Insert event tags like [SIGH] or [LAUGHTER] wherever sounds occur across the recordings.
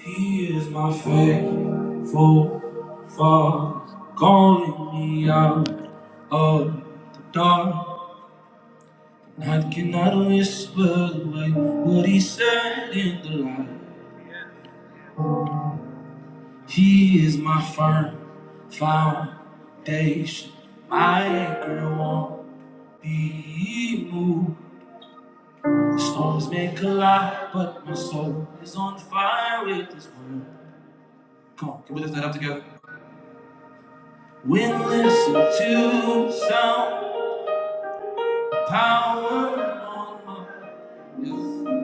He is my faithful father, calling me out of the dark. And I cannot whisper away what he said in the light. He is my firm foundation, my anchor won't be moved. The Storms may collide, but my soul is on fire with this word. Come on, can we lift that up together? When listen to sound Tower on my yes.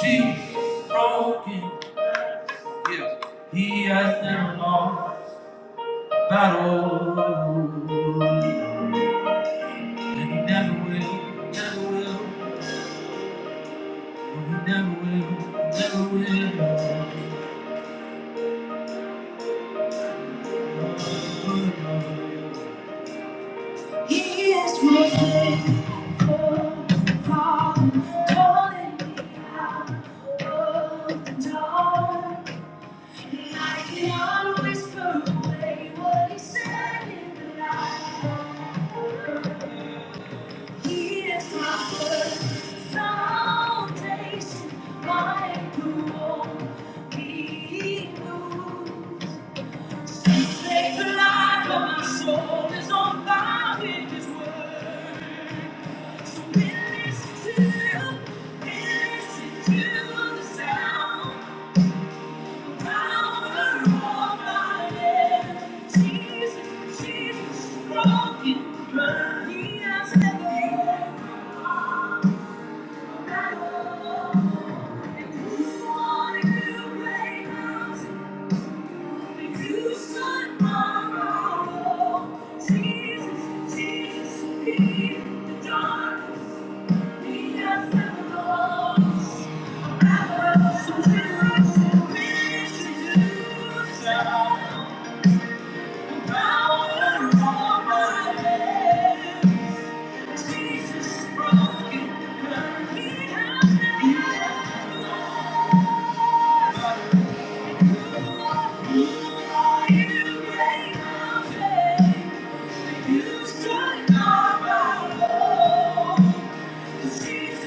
Jesus broken. Yes. He has never lost battle. And he never will, never will, and he never will, never will. He is my faithful Father, calling me out of the dark. I can always away what he said in the night. He is my first foundation, my approval. He moves. Take the light from my soul is on fire with his word. So we listen to, we listen to the sound. Jesus, Jesus, beat the darkness. Jesus broken the curse he has you should know my love. Thank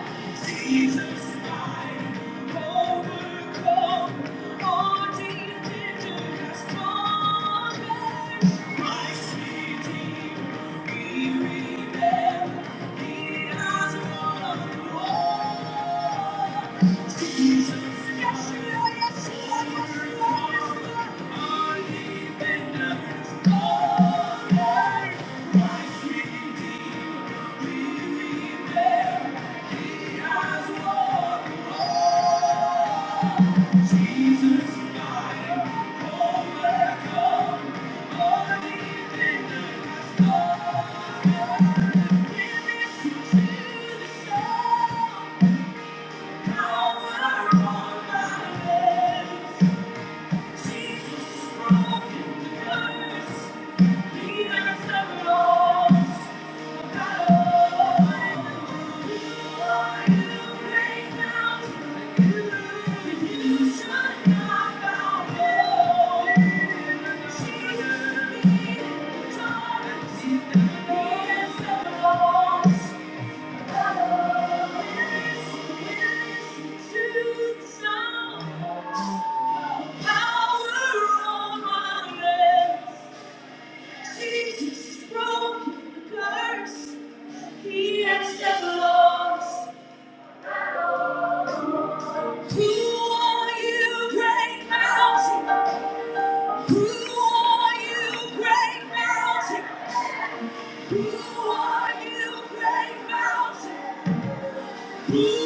you. Thank you. Power on my lips. Thank you. Who are you, great mountain? Thank you.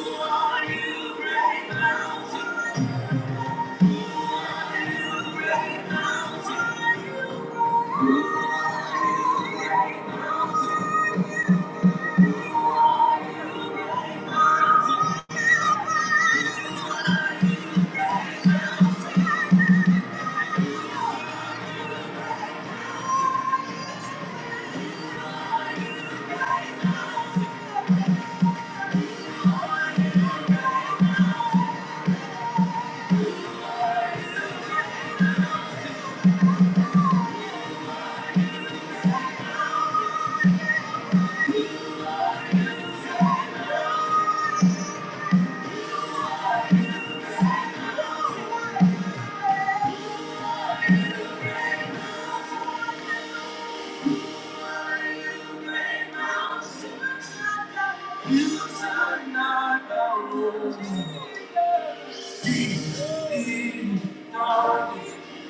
You are not alone.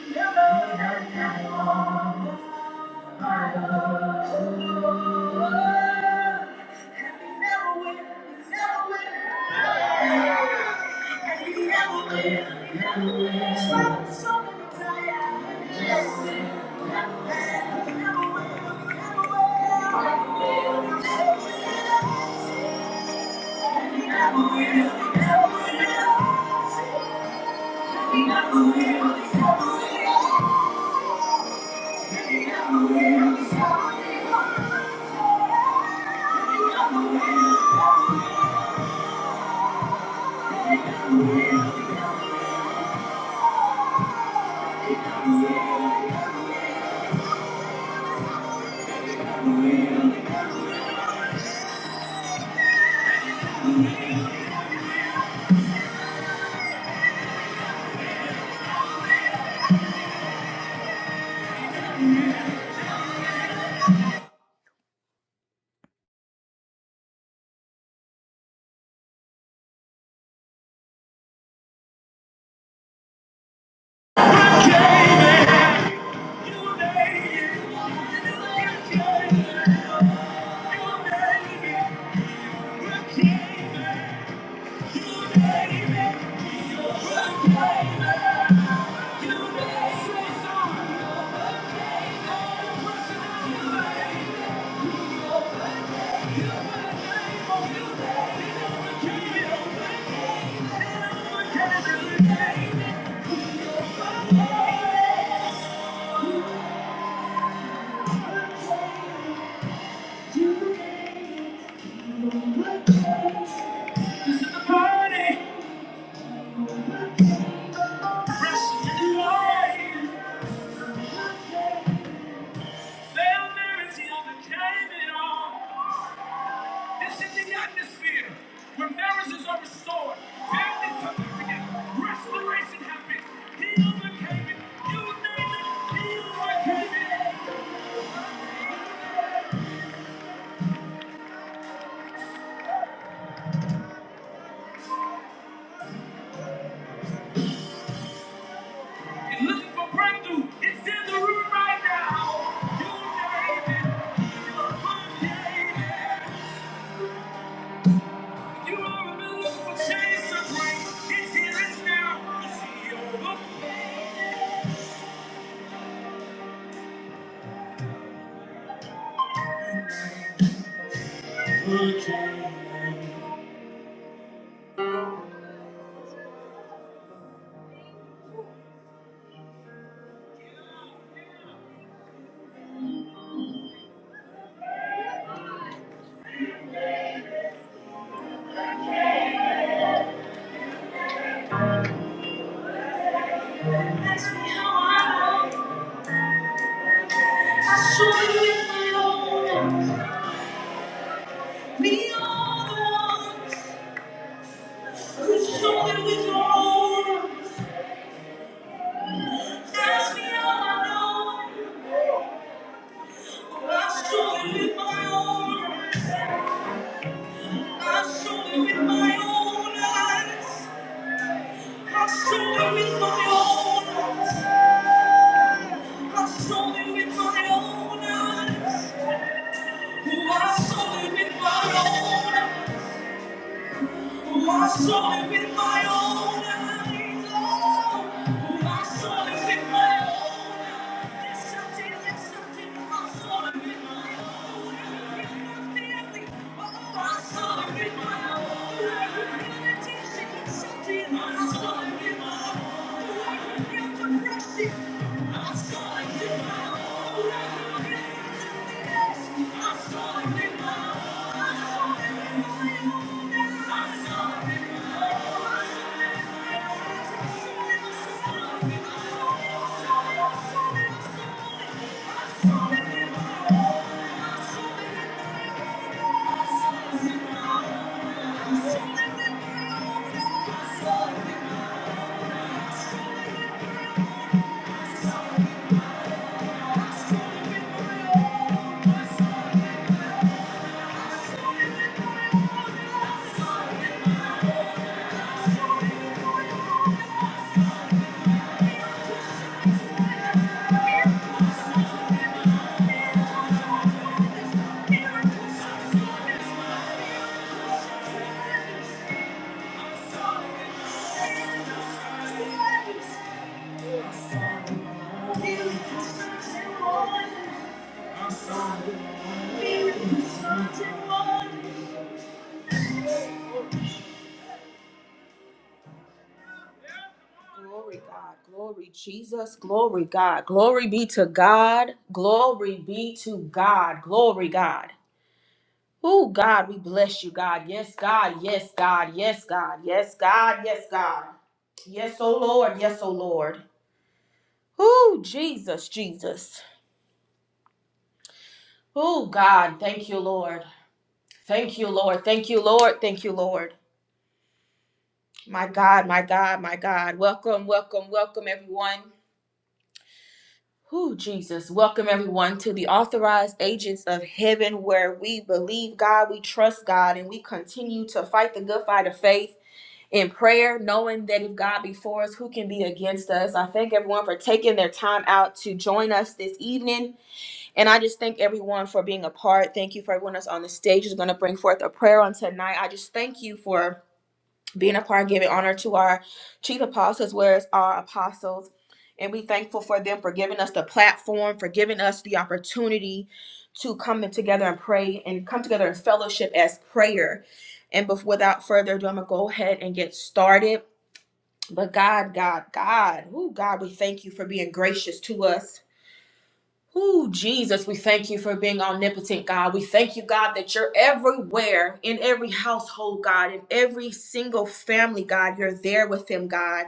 Thank you. You name it, you name it. Fresh new life, fell mercy overcame it all. This is the atmosphere where marriages are restored, families come back together, restoration happens, healing came in, you name it, healing came in. And looking for breakthrough, it's in the room right now. You name it, you name it. You are looking for change to bring, it's here, it's now, it's here. It's here. Ask me how I know. I saw you with my own eyes. Be all the ones who shoulder with your own. Ask me all I know. I shoulder with my own. I shoulder with my own eyes. I shoulder with my own eyes. I shoulder with my own eyes. Oh, I shoulder with my own eyes. Whom I saw with my own eyes, oh, whom I saw with my own eyes. Yes, I did, yes, I did, I saw it with my own eyes. Healing oh, I saw it with my own eyes. yes, I did, I saw it with my own eyes. Healed depression, I saw it with my own eyes. I saw it with my own eyes. Thank you. Miracles, signs, and wonders. Glory, God. Glory, Jesus. Glory, God. Glory be to God. Glory be to God. Glory, God. Oh, God, we bless you, God. Yes, God. Yes, God. Yes, God. Yes, God. Yes, God. Yes, oh Lord. Yes, oh Lord. Oh, Jesus, Jesus. Oh, God. Thank you, Lord. Thank you, Lord. Thank you, Lord. Thank you, Lord. My God, my God, my God. Welcome, welcome, welcome, everyone. Who Jesus. Welcome everyone to the authorized agents of heaven where we believe God, we trust God, and we continue to fight the good fight of faith in prayer, knowing that if God be for us, who can be against us? I thank everyone for taking their time out to join us this evening. And I just thank everyone for being a part. Thank you for everyone that's on the stage is going to bring forth a prayer on tonight. I just thank you for being a part, giving honor to our chief apostles, whereas our apostles. And we thankful for them for giving us the platform, for giving us the opportunity to come in together and pray and come together in fellowship as prayer. And bef- without further ado, I'm gonna go ahead and get started. But God, God, God, oh God, we thank you for being gracious to us. Ooh, Jesus, we thank you for being omnipotent, God. We thank you, God, that you're everywhere in every household, God, in every single family, God. You're there with them, God.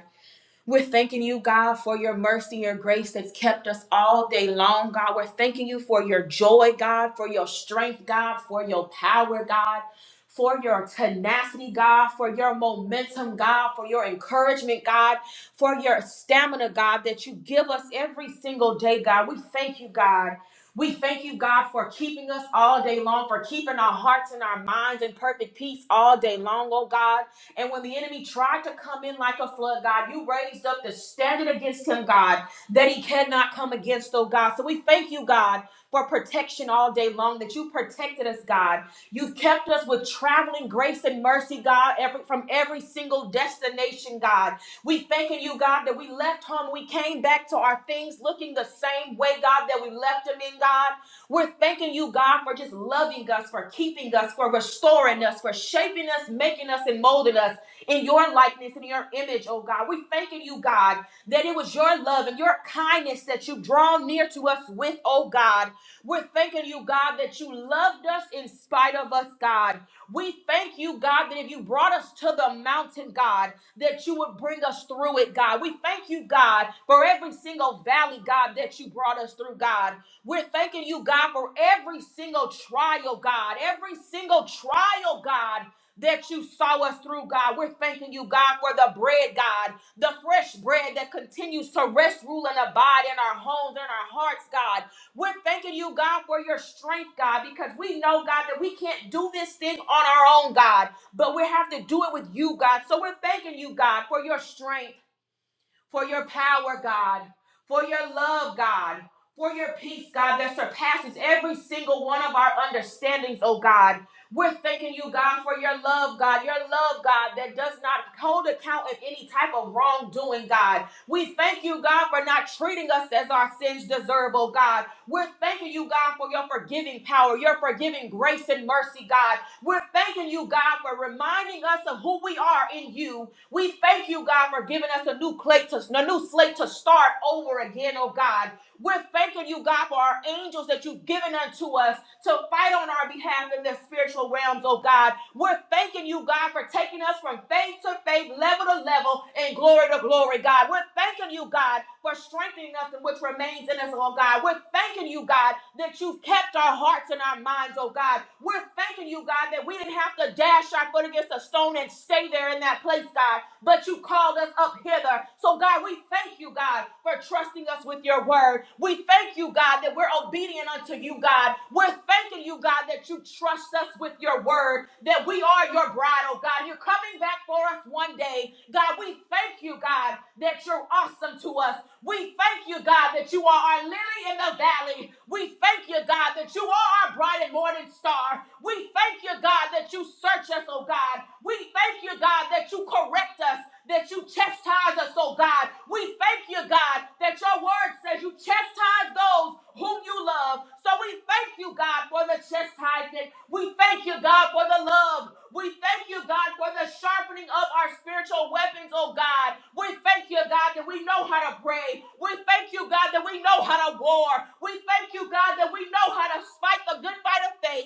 We're thanking you, God, for your mercy, your grace that's kept us all day long, God. We're thanking you for your joy, God, for your strength, God, for your power, God, for your tenacity, God, for your momentum, God, for your encouragement, God, for your stamina, God, that you give us every single day, God. We thank you, God. We thank you, God, for keeping us all day long, for keeping our hearts and our minds in perfect peace all day long, oh God. And when the enemy tried to come in like a flood, God, you raised up the standard against him, God, that he cannot come against, oh God. So we thank you, God, for protection all day long, that you protected us, God. You've kept us with traveling grace and mercy, God, every, from every single destination, God. We thanking you, God, that we left home. We came back to our things looking the same way, God, that we left them in, God. We're thanking you, God, for just loving us, for keeping us, for restoring us, for shaping us, making us, and molding us in your likeness and your image, oh God. We're thanking you, God, that it was your love and your kindness that you've drawn near to us with, oh God. We're thanking you, God, that you loved us in spite of us, God. We thank you, God, that if you brought us to the mountain, God, that you would bring us through it, God. We thank you, God, for every single valley, God, that you brought us through, God. We're thanking you, God, for every single trial, God, every single trial, God, that you saw us through, God. We're thanking you, God, for the bread, God, the fresh bread that continues to rest, rule, and abide in our homes and our hearts, God. We're thanking you, God, for your strength, God, because we know, God, that we can't do this thing on our own, God, but we have to do it with you, God. So we're thanking you, God, for your strength for your power, God, for your love, God, for your peace, God, that surpasses every single one of our understandings, oh God. We're thanking you, God, for your love, God, your love, God, that does not hold account of any type of wrongdoing, God. We thank you, God, for not treating us as our sins deserve, oh God. We're thanking you, God, for your forgiving power, your forgiving grace and mercy, God. We're thanking you, God, for reminding us of who we are in you we thank you, God, for giving us a new plate to a new slate to start over again, oh God. We're thanking you, God, for our angels that you've given unto us to fight on our behalf in the spiritual realms, oh God. We're thanking you, God, for taking us from faith to faith, level to level, and glory to glory, God. We're thanking you, God, for strengthening us in which remains in us, oh God. We're thanking you, God, that you've kept our hearts and our minds, oh God. We're thanking you, God, that we didn't have to dash our foot against a stone and stay there in that place, God, but you called us up hither together. So, God, we thank you, God, for trusting us with your word. We thank you, God, that we're obedient unto you, God. We're thanking you, God, that you trust us with your word, that we are your bride, oh God. You're coming back for us one day. God, we thank you, God, that you're awesome to us. We thank you, God, that you are our lily in the valley. We thank you, God, that you are our bright and morning star. We thank you, God, that you search us, oh God. We thank you, God, that you correct us that you chastise us, oh God. We thank you, God, that your word says you chastise those whom you love. So we thank you, God, for the chastisement. We thank you, God, for the love. We thank you, God, for the sharpening of our spiritual weapons, oh God. We thank you, God, that we know how to pray. We thank you, God, that we know how to war. We thank you, God, that we know how to fight the good fight of faith.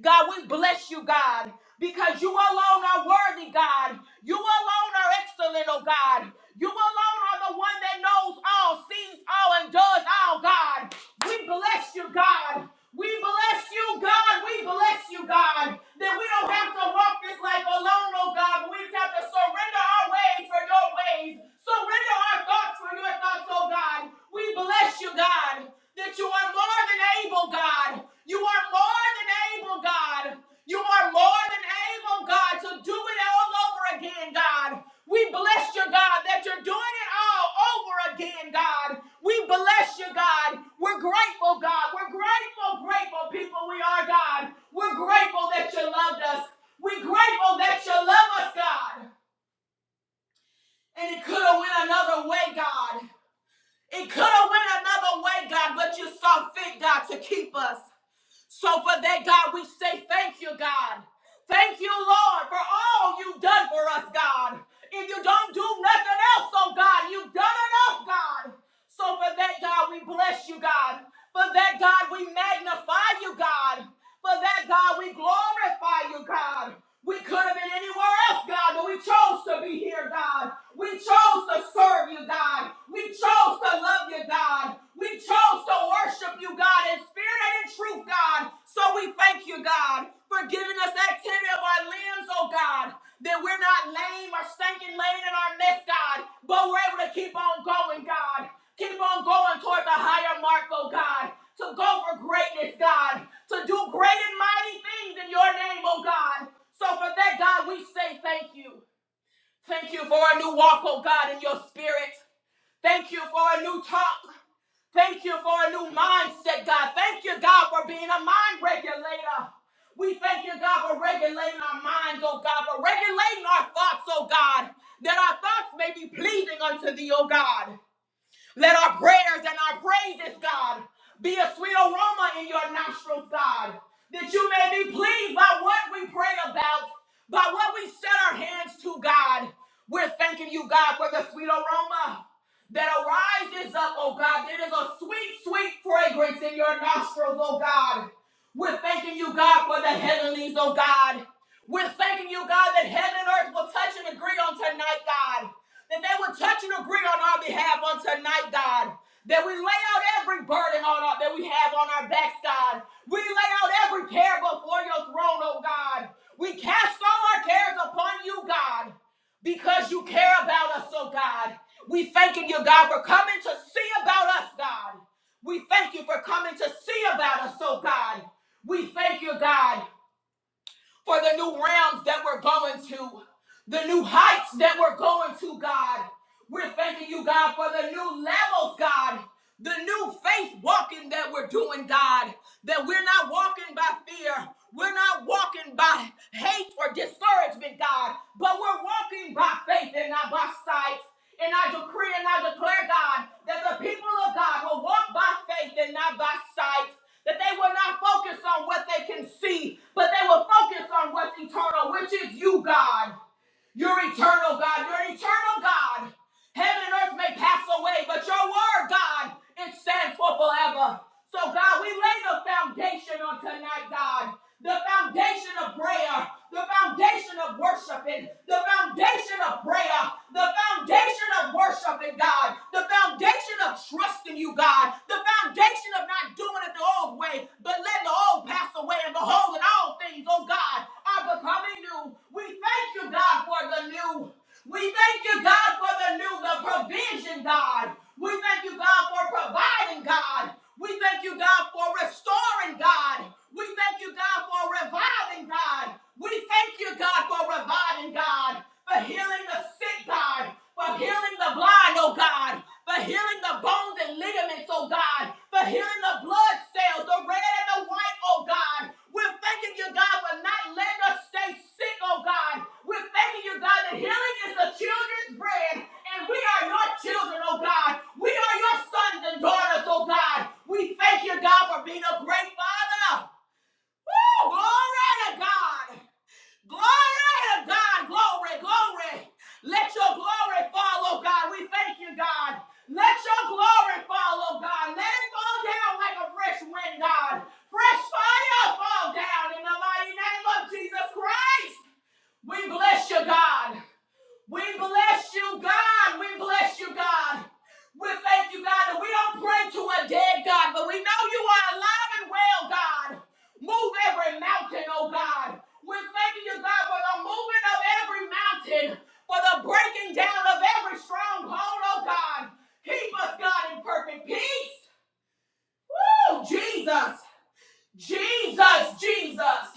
God, we bless you, God, because you alone are worthy, God. You alone are excellent, oh God. You alone are the one that knows all, sees all, and does all, God. We bless you, God. We bless you, God. We bless you, God. That we don't have to walk this life alone, oh God, but we just have to surrender our ways ways for your ways. Surrender our thoughts for your thoughts, oh God. We bless you, God, that you are more than able, God. You are more than able, God. You are more than able, God, to do it all over again, God. We bless you, God, that you're doing it all over again, God. We bless you, God. We're grateful, God. We're grateful, grateful people we are, God. We're grateful that you loved us. We're grateful that you love us, God. And it could have went another way, God. It could have went another way, God, but you saw fit, God, to keep us. So for that, God, we say thank you, God. Thank you, Lord, for all you've done for us, God. If you don't do nothing else, oh God, you've done enough, God. So for that, God, we bless you, God. For that, God, we magnify you, God. For that, God, we glorify you, God. We could have been anywhere else, God, but we chose to be here, God. We chose to serve you, God. We chose to love you, God. We chose to worship you, God, in spirit and in truth, God. So we thank you, God, for giving us activity of our limbs, oh God, that we're not lame or stinking laying in our midst, God, but we're able to keep on going, God. Keep on going toward the higher mark, oh God, to go for greatness, God, to do great and mighty things in your name, oh God. So for that, God, we say thank you. Thank you for a new walk, oh God, in your spirit. Thank you for a new talk. Thank you for a new mindset, God. Thank you, God, for being a mind regulator. We thank you, God, for regulating our minds, oh God, for regulating our thoughts, oh God, that our thoughts may be pleasing unto thee, oh God. Let our prayers and our praises, God, be a sweet aroma in your nostrils, God, that you may be pleased by what we pray about, by what we set our hands to, God. We're thanking you, God, for the sweet aroma that arises up, oh God. It is a sweet, sweet fragrance in your nostrils, oh God. We're thanking you, God, for the heavenlies, oh God. We're thanking you, God, that heaven and earth will touch and agree on tonight, God that they would touch and agree on our behalf on tonight, God. That we lay out every burden on our, that we have on our backs, God. We lay out every care before your throne, oh God. We cast all our cares upon you, God, because you care about us, oh God. We thanking you, God, for coming to see about us, God. We thank you for coming to see about us, oh God. We thank you, God for the new realms that we're going to, the new heights that we're going to, God. We're thanking you, God, for the new levels, God, the new faith walking that we're doing, God, that we're not walking by fear. We're not walking by hate or discouragement, God, but we're walking by faith and not by sight. And I decree and I declare, God, that the people of God will walk by faith and not by sight that they will not focus on what they can see, but they will focus on what's eternal, which is you, God. You're eternal, God. You're eternal, God. Heaven and earth may pass away, but your word, God, it stands for forever. So, God, we lay the foundation on tonight, God the foundation of prayer, the foundation of worshiping, the foundation of prayer, the foundation of worshiping God, the foundation of trusting you, God, the foundation of not doing it the old way, but letting the old pass away and behold, in all things, oh God, are becoming new. We thank you, God, for the new. We thank you, God, for the new, the provision, God. We thank you, God, for providing, God. We thank you, God, for restoring, God. We thank you, God, for reviving, God. We thank you, God, for reviving, God, for healing the sick, God, for healing the blind, oh God, for healing the bones and ligaments, oh God, for healing the blood cells, the red and the white, oh God. We're thanking you, God, for not letting us stay sick, Oh God, we're thanking you, God, that healing is the children's bread, and we are your children, oh God. We are your sons and daughters, oh God. We thank you, God, for being a great father. Oh, glory to God. Glory to God. Glory, glory. Let your glory fall, oh God. We thank you, God. Let your glory fall, oh God. Let it fall down like a fresh wind, God. Fresh fire fall down in the mighty name of Jesus Christ. We bless you, God. We bless you, God. We bless you, God. We thank you, God, that we don't pray to a dead God, but we know you are alive and well, God. Move every mountain, oh God. We're thanking you, God, for the moving of every mountain, for the breaking down of every stronghold, oh God. Keep us, God, in perfect peace. Oh, Jesus. Jesus, Jesus.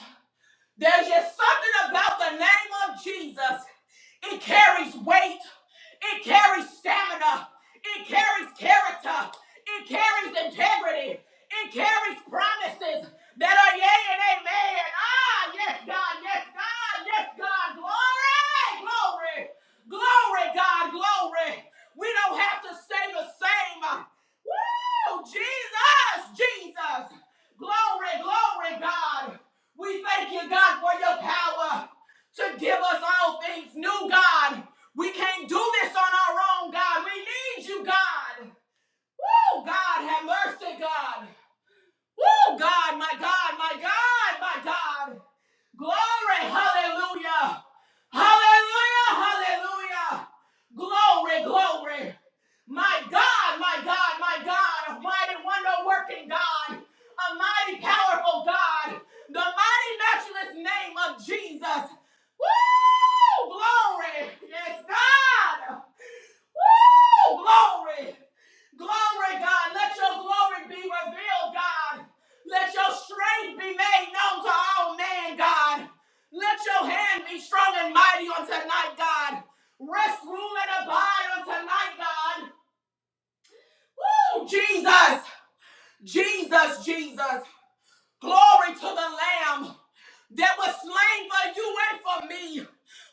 There's just something about the name of Jesus. It carries weight, it carries stamina, it carries character, it carries integrity, it carries promises that are yea and amen. Ah, yes, God, yes, God, yes, God. Glory, glory, glory, God, glory. We don't have to stay the same. Woo, Jesus, Jesus. Glory, glory, God. We thank you, God, for your power to give us all things new, God. We can't do this on our own, God. We need you, God. Woo, God, have mercy, God. Woo, God, my God, my God, my God. Glory, hallelujah. Hallelujah, hallelujah. Glory, glory. My God, my God, my God, a mighty wonder working God, a mighty powerful God, the mighty matchless name of Jesus. Woo! Glory! Yes, God! Woo! glory. Glory, God. Let your glory be revealed, God. Let your strength be made known to all men, God. Let your hand be strong and mighty on tonight, God. Rest, rule, and abide on tonight, God. Woo, Jesus, Jesus, Jesus. Glory to the Lamb that was slain for you and for me.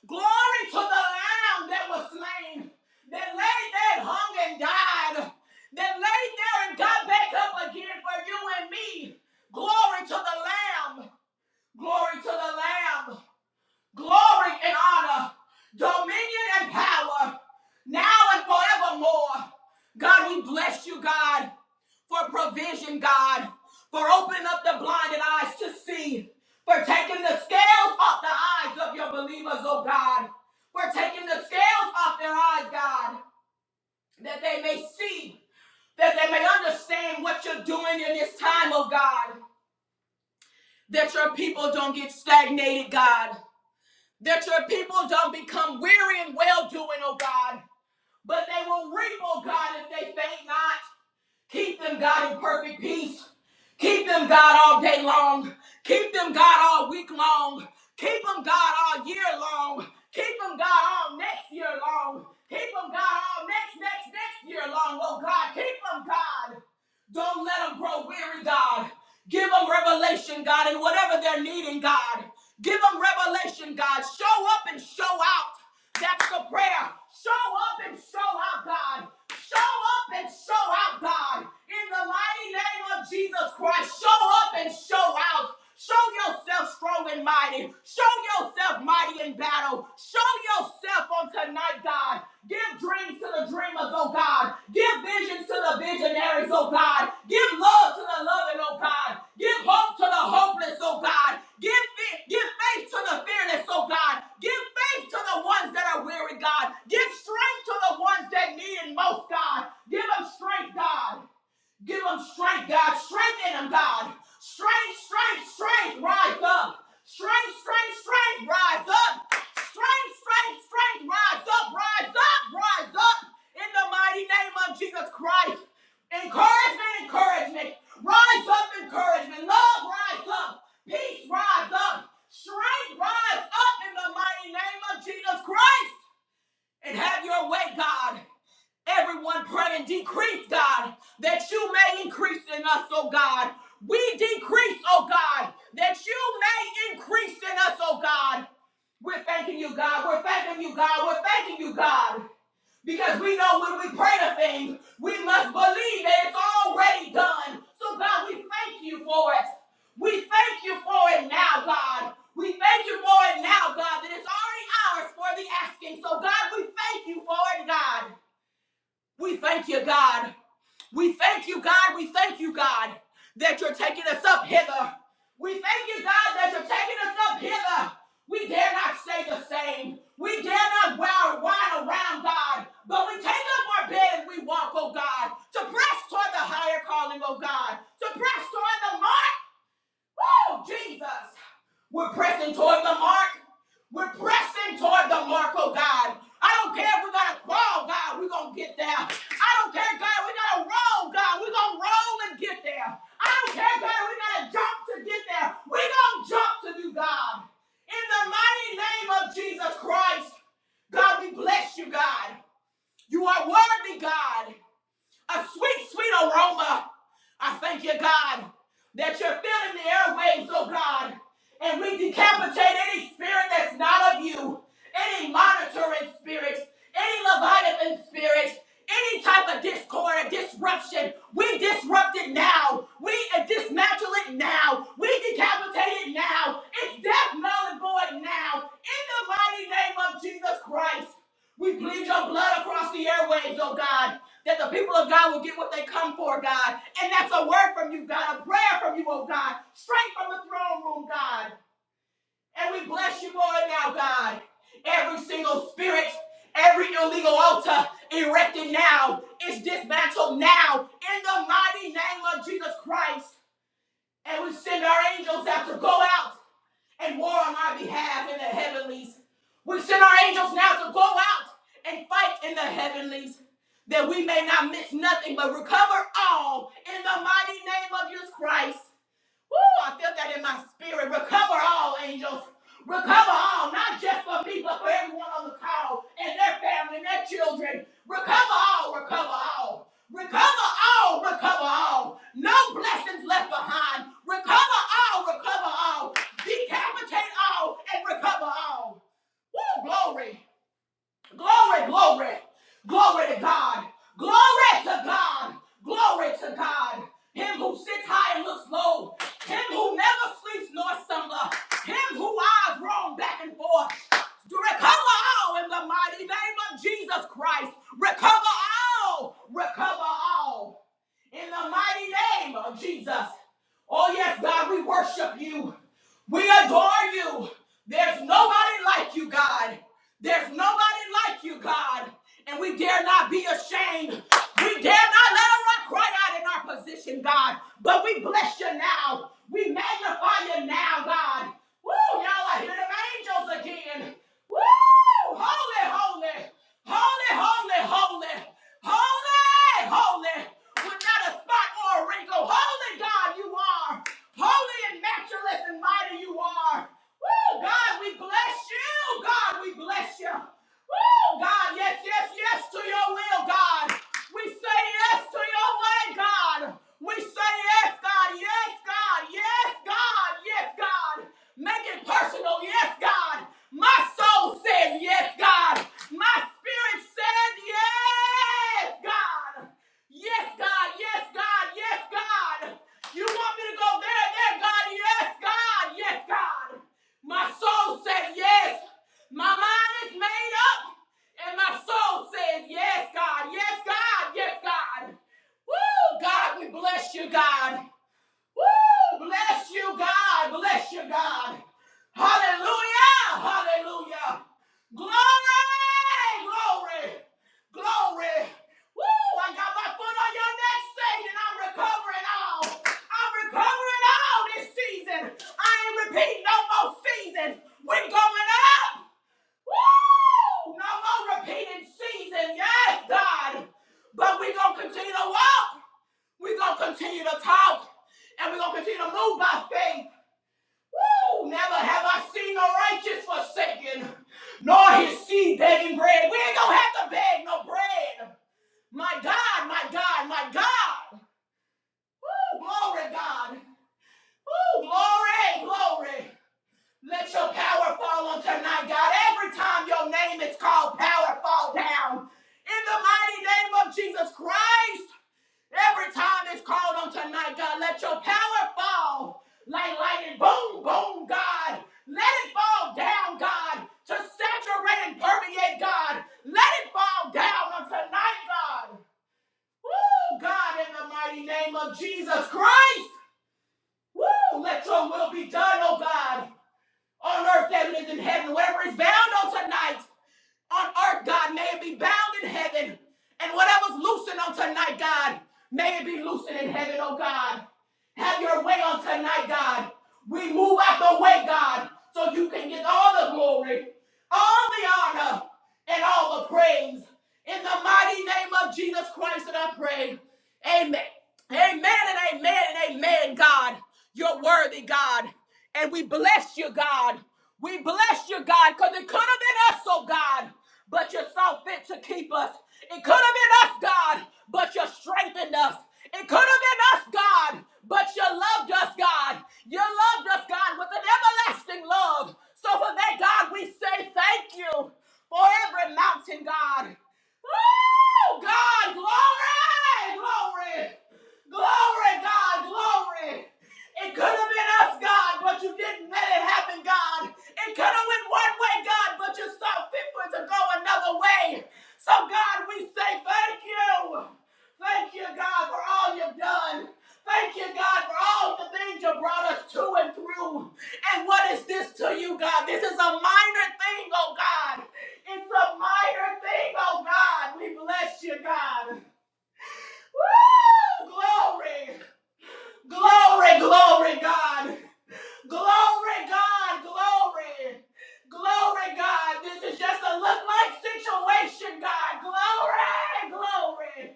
Glory to the Lamb that was slain, that laid there, and hung and died, that laid there and got back up again for you and me. Glory to the Lamb. Glory to the Lamb glory and honor, dominion and power, now and forevermore. God, we bless you, God, for provision, God, for opening up the blinded eyes to see, for taking the scales off the eyes of your believers, oh God, for taking the scales off their eyes, God, that they may see, that they may understand what you're doing in this time, oh God, that your people don't get stagnated, God that your people don't become weary in well doing, oh God, but they will reap, oh God, if they faint not. Keep them, God, in perfect peace. Keep them, God, all day long. Keep them, God, all week long. Keep them, God, all year long. Keep them, God, all next year long. Keep them, God, all next, next, next year long, oh God. Keep them, God. Don't let them grow weary, God. Give them revelation, God, in whatever they're needing, God. Give them revelation, God. Show up and show out. That's the prayer. Show up and show out, God. Show up and show out, God. In the mighty name of Jesus Christ, show up and show out. Show yourself strong and mighty. Show yourself mighty in battle. Show yourself on tonight, God. Give dreams to the dreamers, oh God. Give visions to the visionaries, oh God. Give love to the loving, oh God. Give hope to the hopeless, oh God. Give, fe- give faith to the fearless, oh God. Give faith faith to the ones that are weary, God. Give strength to the ones that need it most, God. Give them strength, God. Give them strength, God. Strengthen them, God. Strength, strength, strength, rise up. Strength, strength, strength, rise up. Strength, strength, strength, rise up, rise up, rise up. In the mighty name of Jesus Christ. Encouragement, encouragement. Rise up, encouragement. Love, rise up. Peace, rise up. Strength, rise up in the mighty name of Jesus Christ. And have your way, God. Everyone praying, decrease, God, that you may increase in us, oh God. We decrease, oh God, that you may increase in us, oh God. We're thanking you, God. We're thanking you, God. We're thanking you, God. Because we know when we pray to things, we must believe that it's already done. So, God, we thank you for it. We thank you for it now, God. We thank you for it now, God, that it's already ours for the asking. So, God, we thank you for it, God. We thank you, God. We thank you, God. We thank you, God, that you're taking us up hither. We thank you, God, that you're taking us up hither. We dare not stay the same. We dare not wild, wild around, God. But we take up our bed and we walk, oh God, to press toward the higher calling, oh God, to press toward the mark Woo, Jesus. We're pressing toward the mark. We're pressing toward the mark, oh God. I don't care if we gotta crawl, God, we're gonna get there. I don't care, God, we gotta roll, God, we're gonna roll and get there. I don't care, God, we gotta jump to get there. We're gonna jump to you, God. In the mighty name of Jesus Christ, God, we bless you, God. You are worthy, God a sweet, sweet aroma. I thank you, God, that you're filling the airwaves, oh God, and we decapitate any spirit that's not of you, any monitoring spirit, any Leviathan spirit, any type of discord or disruption. We disrupt it now. We uh, dismantle it now. We decapitate it now. It's death, null, and void now. In the mighty name of Jesus Christ, we plead your blood across the airwaves, oh God that the people of God will get what they come for, God. And that's a word from you, God, a prayer from you, oh God, straight from the throne room, God. And we bless you for it now, God. Every single spirit, every illegal altar erected now is dismantled now in the mighty name of Jesus Christ. And we send our angels out to go out and war on our behalf in the heavenlies. We send our angels now to go out and fight in the heavenlies that we may not miss nothing but recover all in the mighty name of Jesus Christ. Woo, I felt that in my spirit. Recover all, angels. Recover all, not just for me, but for everyone on the call and their family and their children. Recover all, recover all. Recover all, recover all. No blessings left behind. Recover all, recover all. Decapitate all and recover all. Woo, glory. Glory, glory, glory to God. Glory to God. Glory to God. Him who sits high and looks low. Him who never sleeps nor slumber. Him who eyes roam back and forth. To recover all in the mighty name of Jesus Christ. Recover all. Recover all in the mighty name of Jesus. Oh, yes, God, we worship you. We adore you. There's nobody like you, God. There's nobody like you, God. And we dare not be ashamed we dare not let a rock cry out in our position, God. But we bless you now. We magnify you now, God. Woo, y'all are hearing them angels again. Woo, holy, holy, holy, holy, holy, holy, holy. With not a spot or a wrinkle. Holy God, you are. Holy and matchless and mighty you are. Woo, God, we bless you. God, we bless you. Woo! God, yes, yes, yes to your will, God. We say yes to your way, God. We say yes, God, yes, God, yes, God, yes, God. Make it personal, yes, God. My soul says yes, God. My spirit says yes, God. Yes, God. Yes, God. Yes, God. You want me to go there, there, God? Yes, God. Yes, God. My soul says yes. My mind is made up. And my soul says, Yes, God, yes, God, yes, God. Woo, God, we bless you, God. Woo! Bless you, God. Bless you, God. Hallelujah. Hallelujah. Glory. Glory. Glory. Woo! I got my foot on your neck, Satan. I'm recovering all. I'm recovering all this season. I ain't repeating no more seasons. We're going up. Woo! No more repeating seasons, Yes, God. But we're going to continue to walk. We're going to continue to talk and we're going to continue to move by faith. Woo! Never have I seen the righteous forsaken, nor his seed begging bread. We ain't going to have to beg no bread. My God, my God, my God. Woo! Glory, God. Woo! Glory, glory. Let your power fall on tonight, God. Every time your name is called, power fall down. In the mighty name of Jesus Christ. Every time it's called on tonight, God, let your power fall like lightning. Boom, boom, God. Let it fall down, God, to saturate and permeate, God. Let it fall down on tonight, God. Woo, God, in the mighty name of Jesus Christ. Woo, let your will be done, oh God, on earth as it is in heaven, whatever is bound on tonight on earth, God, may it be bound in heaven. And whatever's loosened on tonight, God, may it be loosened in heaven, oh God. Have your way on tonight, God. We move out the way, God, so you can get all the glory, all the honor, and all the praise. In the mighty name of Jesus Christ that I pray. Amen. Amen and amen and amen, God. You're worthy, God. And we bless you, God. We bless you, God, because it could have been us, oh God, but you saw fit to keep us. It could have been us, God, but you strengthened us. It could have been us, God, but you loved us, God. You loved us, God, with an everlasting love. So for that, God, we say thank you for every mountain, God. Woo! God, glory, glory. Glory, God, glory. It could have been us, God, but you didn't let it happen, God. It could have went one way, God, but you saw fit for it to go another way. So, God, we say thank you. Thank you, God, for all you've done. Thank you, God, for all the things you brought us to and through. And what is this to you, God? This is a minor thing, oh God. It's a minor thing, oh God. We bless you, God. Woo! Glory! Glory, glory, God. Glory, God, glory. Glory, God. This is just a look like situation, God. Glory, glory.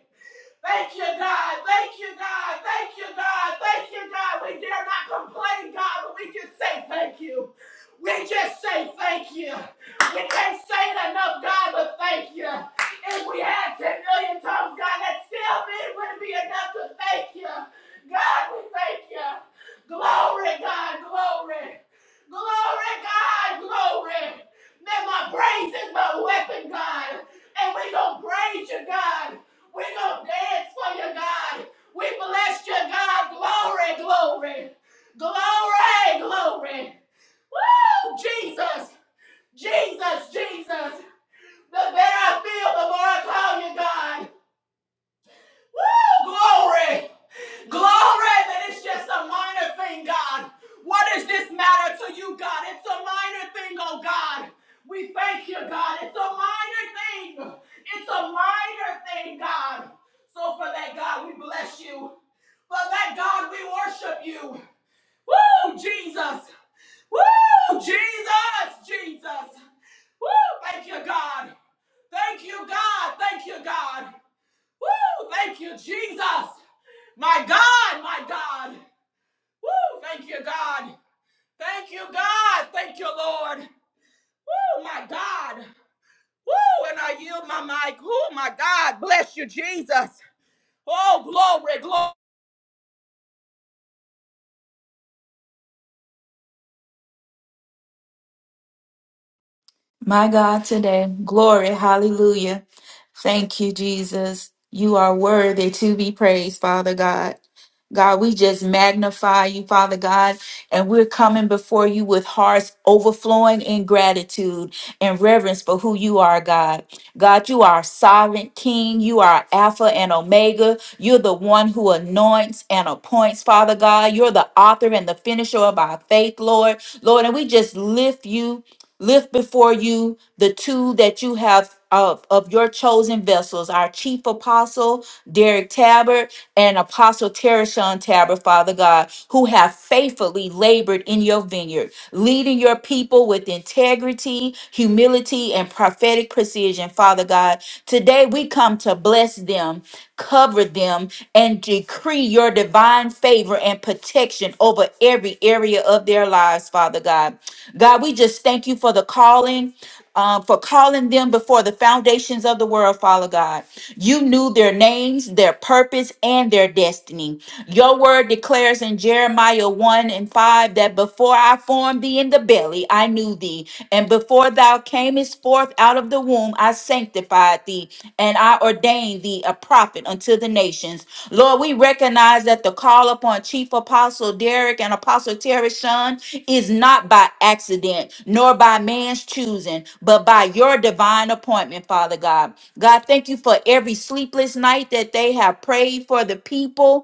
Thank you, God. Thank you, God. Thank you, God. Thank you, God. We dare not complain, God, but we just say thank you. We just say thank you. We can't say it enough, God, but thank you. If we had 10 million tongues, God, that still wouldn't be enough to thank you. God, we thank you. Glory, God, glory. Glory, God, glory. That my praise is my weapon, God. And we gonna praise you, God. We're going to dance for you, God. We bless you, God. Glory, glory. Glory, glory. Woo, Jesus. Jesus, Jesus. The better I feel, the more I call you, God. Woo, glory. Glory that it's just a minor thing, God. What does this matter to you, God? It's a minor thing, oh God. We thank you, God. It's a minor thing. It's a minor thing, God. So for that, God, we bless you. For that, God, we worship you. Woo, Jesus. Woo, Jesus, Jesus. Woo, thank you, God. Thank you, God. Thank you, God. Woo! Thank you, Jesus. My God, my God. Woo! Thank you, God. Thank you, God. Thank you, Lord. Woo! My God. Woo! And I yield my mic. Oh, my God. Bless you, Jesus. Oh, glory, glory. My God, today, glory, hallelujah. Thank you, Jesus. You are worthy to be praised, Father God. God, we just magnify you, Father God, and we're coming before you with hearts overflowing in gratitude and reverence for who you are, God. God, you are sovereign King. You are Alpha and Omega. You're the one who anoints and appoints, Father God. You're the author and the finisher of our faith, Lord. Lord, and we just lift you lift before you the two that you have of, of your chosen vessels, our chief apostle, Derek Tabbert, and Apostle Tereshawn Tabbert, Father God, who have faithfully labored in your vineyard, leading your people with integrity, humility, and prophetic precision, Father God. Today we come to bless them, cover them, and decree your divine favor and protection over every area of their lives, Father God. God, we just thank you for the calling, um, for calling them before the foundations of the world, Father God. You knew their names, their purpose, and their destiny. Your word declares in Jeremiah 1 and 5 that before I formed thee in the belly, I knew thee. And before thou camest forth out of the womb, I sanctified thee, and I ordained thee a prophet unto the nations. Lord, we recognize that the call upon Chief Apostle Derek and Apostle Terry Shun is not by accident nor by man's choosing, but by your divine appointment, Father God. God, thank you for every sleepless night that they have prayed for the people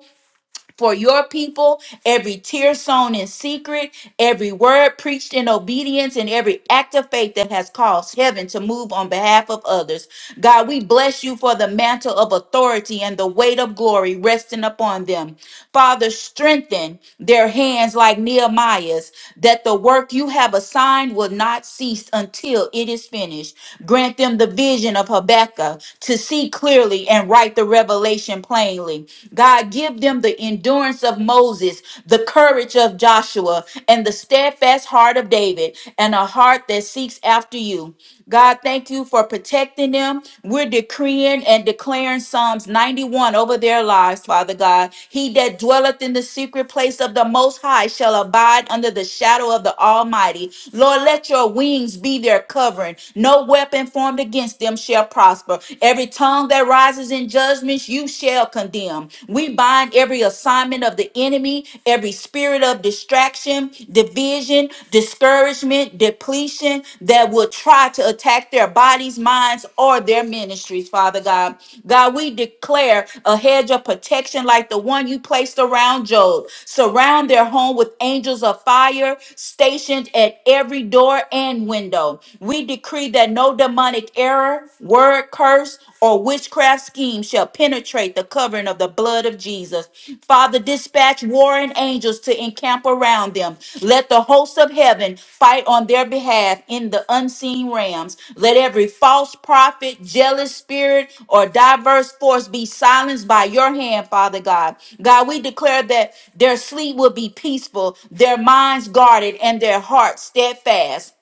for your people, every tear sown in secret, every word preached in obedience, and every act of faith that has caused heaven to move on behalf of others. God, we bless you for the mantle of authority and the weight of glory resting upon them. Father, strengthen their hands like Nehemiah's, that the work you have assigned will not cease until it is finished. Grant them the vision of Habakkuk to see clearly and write the revelation plainly. God, give them the endurance of Moses, the courage of Joshua, and the steadfast heart of David, and a heart that seeks after you. God, thank you for protecting them. We're decreeing and declaring Psalms 91 over their lives, Father God. He that dwelleth in the secret place of the Most High shall abide under the shadow of the Almighty. Lord, let your wings be their covering. No weapon formed against them shall prosper. Every tongue that rises in judgments, you shall condemn. We bind every assignment of the enemy, every spirit spirit of distraction, division, discouragement, depletion that will try to attack their bodies, minds, or their ministries, Father God. God, we declare a hedge of protection like the one you placed around Job. Surround their home with angels of fire stationed at every door and window. We decree that no demonic error, word curse, or witchcraft scheme shall penetrate the covering of the blood of Jesus. Father, dispatch warring angels to encamp around them. Let the hosts of heaven fight on their behalf in the unseen realms. Let every false prophet, jealous spirit, or diverse force be silenced by your hand, Father God. God, we declare that their sleep will be peaceful, their minds guarded, and their hearts steadfast.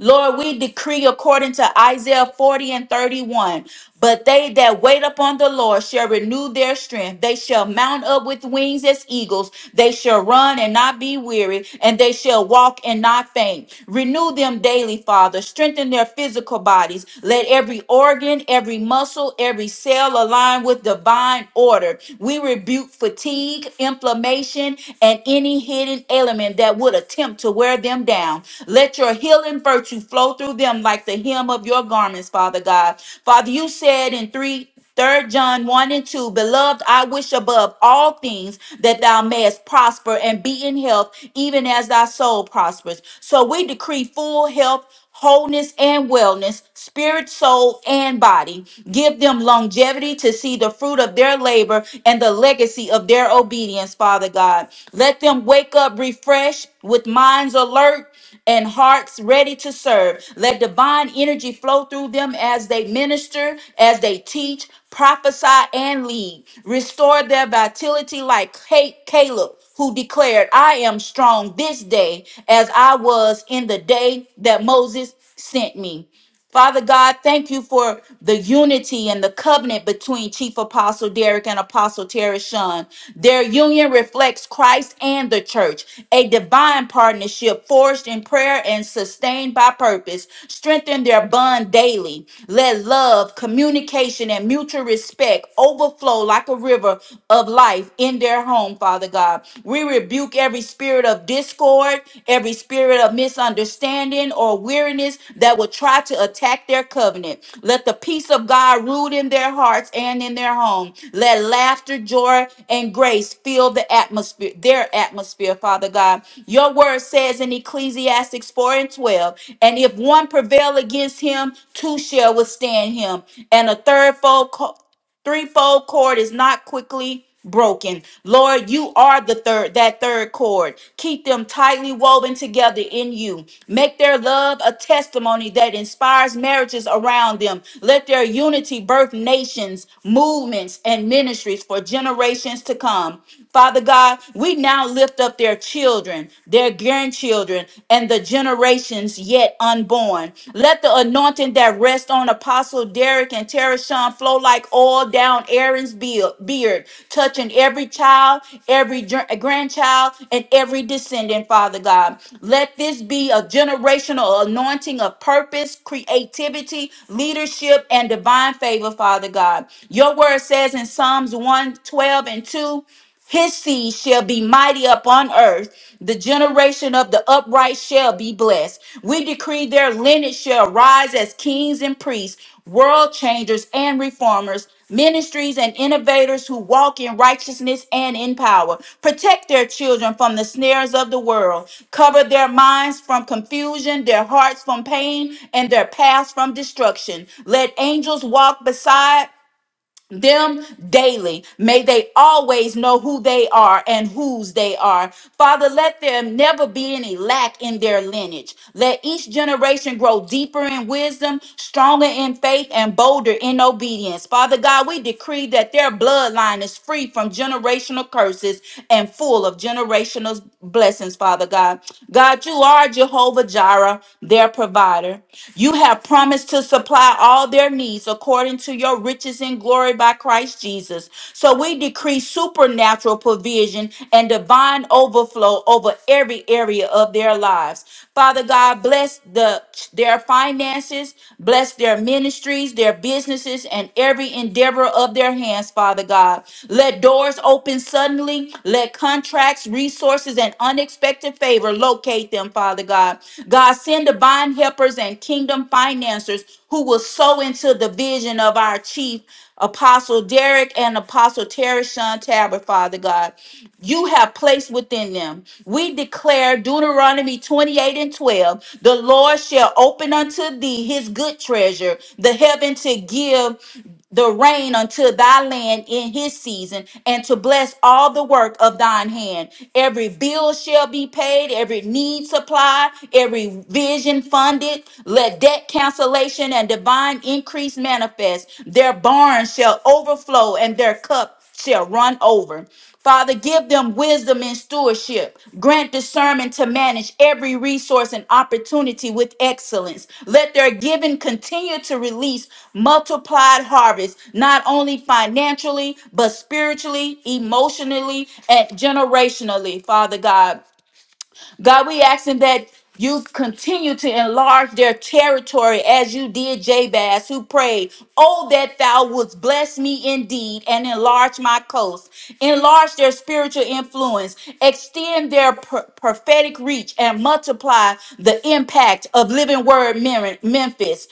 Lord, we decree according to Isaiah 40 and 31. But they that wait upon the Lord shall renew their strength. They shall mount up with wings as eagles. They shall run and not be weary, and they shall walk and not faint. Renew them daily, Father. Strengthen their physical bodies. Let every organ, every muscle, every cell align with divine order. We rebuke fatigue, inflammation, and any hidden ailment that would attempt to wear them down. Let your healing virtue flow through them like the hem of your garments, Father God. Father, you said in 3, third John 1 and 2, Beloved, I wish above all things that thou mayest prosper and be in health, even as thy soul prospers. So we decree full health wholeness and wellness, spirit, soul, and body. Give them longevity to see the fruit of their labor and the legacy of their obedience, Father God. Let them wake up refreshed with minds alert and hearts ready to serve. Let divine energy flow through them as they minister, as they teach, prophesy, and lead. Restore their vitality like Ca- Caleb who declared, I am strong this day as I was in the day that Moses sent me. Father God, thank you for the unity and the covenant between Chief Apostle Derek and Apostle Terry Shun. Their union reflects Christ and the church, a divine partnership forged in prayer and sustained by purpose. Strengthen their bond daily. Let love, communication, and mutual respect overflow like a river of life in their home, Father God. We rebuke every every spirit of discord, every spirit of misunderstanding or weariness that will try to attack their covenant. Let the peace of God rule in their hearts and in their home. Let laughter, joy, and grace fill the atmosphere, their atmosphere, Father God. Your word says in Ecclesiastics 4 and 12, and if one prevail against him, two shall withstand him, and a third foe. Threefold cord is not quickly broken. Lord, you are the third that third cord. Keep them tightly woven together in you. Make their love a testimony that inspires marriages around them. Let their unity birth nations, movements, and ministries for generations to come. Father God, we now lift up their children, their grandchildren, and the generations yet unborn. Let the anointing that rests on Apostle Derek and Tereshon flow like oil down Aaron's beard, beard, touching every child, every gr- grandchild, and every descendant, Father God. Let this be a generational anointing of purpose, creativity, leadership, and divine favor, Father God. Your word says in Psalms 112 and 2. His seed shall be mighty upon earth. The generation of the upright shall be blessed. We decree their lineage shall rise as kings and priests, world changers and reformers, ministries and innovators who walk in righteousness and in power. Protect their children from the snares of the world. Cover their minds from confusion, their hearts from pain, and their paths from destruction. Let angels walk beside them daily. May they always know who they are and whose they are. Father, let there never be any lack in their lineage. Let each generation grow deeper in wisdom, stronger in faith, and bolder in obedience. Father God, we decree that their bloodline is free from generational curses and full of generational blessings, Father. Father God. God, you are Jehovah Jireh, their provider. You have promised to supply all their needs according to your riches and glory by Christ Jesus. So we decree supernatural provision and divine overflow over every area of their lives. Father God, bless the their finances, bless their ministry ministries, their businesses, and every endeavor of their hands, Father God. Let doors open suddenly. Let contracts, resources, and unexpected favor locate them, Father God. God, send divine helpers and kingdom financiers who will sow into the vision of our chief Apostle Derek and Apostle Terry Sean Tabor, Father God you have placed within them. We declare Deuteronomy 28 and 12 the Lord shall open unto thee his good treasure, the heaven to give the rain unto thy land in his season, and to bless all the work of thine hand. Every bill shall be paid, every need supplied, every vision funded. Let debt cancellation and divine increase manifest. Their barns shall overflow, and their cup cup shall run over. Father, give them wisdom and stewardship. Grant discernment to manage every resource and opportunity with excellence. Let their giving continue to release multiplied harvests, not only financially, but spiritually, emotionally, and generationally, Father God. God, we asking that you continue to enlarge their territory as you did Jabez, who prayed, Oh, that thou wouldst bless me indeed and enlarge my coast, enlarge their spiritual influence, extend their pr- prophetic reach, and multiply the impact of Living Word Mer- Memphis.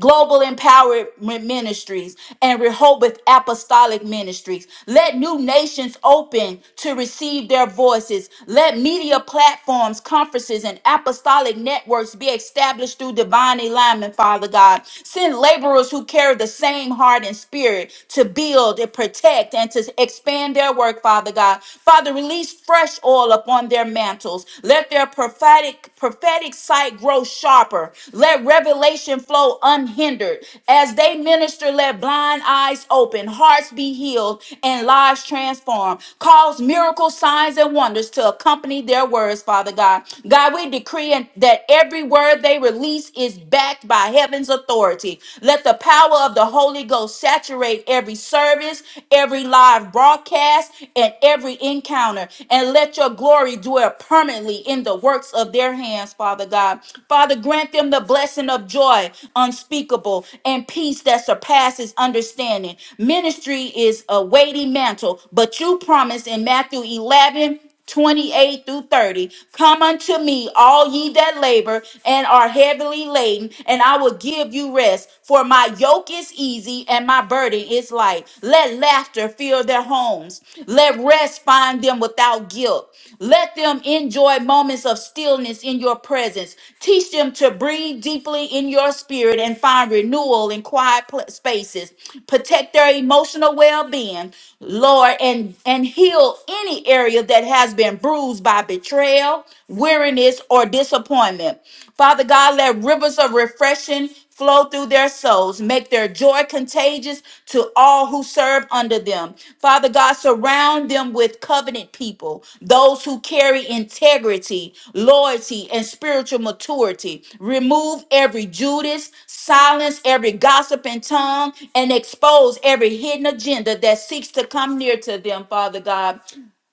Global Empowerment Ministries and Rehoboth Apostolic Ministries. Let new nations open to receive their voices. Let media platforms, conferences, and apostolic networks be established through divine alignment, Father God. Send laborers who carry the same heart and spirit to build and protect and to expand their work, Father God. Father, release fresh oil upon their mantles. Let their their prophetic prophetic sight grow sharper. Let revelation flow unhindered. As they minister, let blind eyes open, hearts be healed, and lives transformed. Cause miracle signs and wonders to accompany their words, Father God. God, we decree and- that every word they release is backed by heaven's authority. Let the power of the Holy Ghost saturate every service, every live broadcast podcast and every encounter, and let your glory dwell permanently in the works of their hands, Father God. Father, grant them the blessing of joy unspeakable and peace that surpasses understanding. Ministry is a weighty mantle, but you promise in Matthew 11. 28 through 30. Come unto me, all ye that labor and are heavily laden, and I will give you rest. For my yoke is easy and my burden is light. Let laughter fill their homes. Let rest find them without guilt. Let them enjoy moments of stillness in your presence. Teach them to breathe deeply in your spirit and find renewal in quiet pl- spaces. Protect their emotional well being, Lord, and, and heal any area area that has been bruised by betrayal, weariness, or disappointment. Father God, let rivers of refreshing flow through their souls, make their joy contagious to all who serve under them. Father God, surround them with covenant people, those who carry integrity, loyalty, and spiritual maturity. Remove every Judas, silence every gossiping tongue, and expose every hidden agenda that seeks to come near to them, Father God.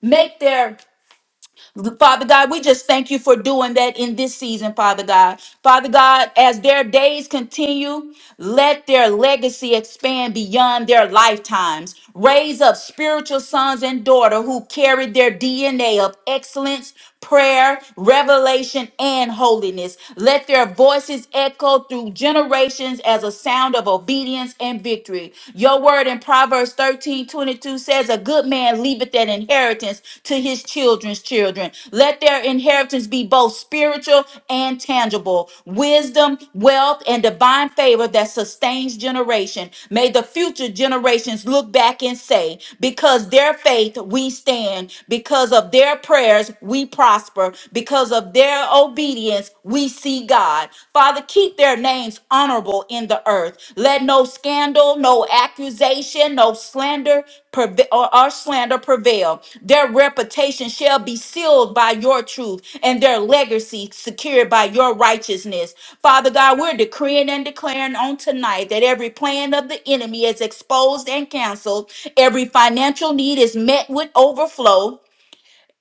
Make their Father God, we just thank you for doing that in this season, Father God. Father God, as their days continue, let their legacy expand beyond their lifetimes. Raise up spiritual sons and daughters who carry their DNA of excellence prayer, revelation, and holiness. Let their voices echo through generations as a sound of obedience and victory. Your word in Proverbs 13 22 says, A good man leaveth an inheritance to his children's children. Let their inheritance be both spiritual and tangible wisdom, wealth, and divine favor that sustains generation. May the future generations look back and say, Because their faith we stand, because of their prayer prayers, we prosper. Because of their obedience, we see God. Father, keep their names honorable in the earth. Let no scandal, no accusation, no slander preve- or, or slander prevail. Their reputation shall be sealed by your truth and their legacy secured by your righteousness. Father God, we're decreeing and declaring on tonight that every plan of the enemy is exposed and canceled. Every financial need is met with overflow.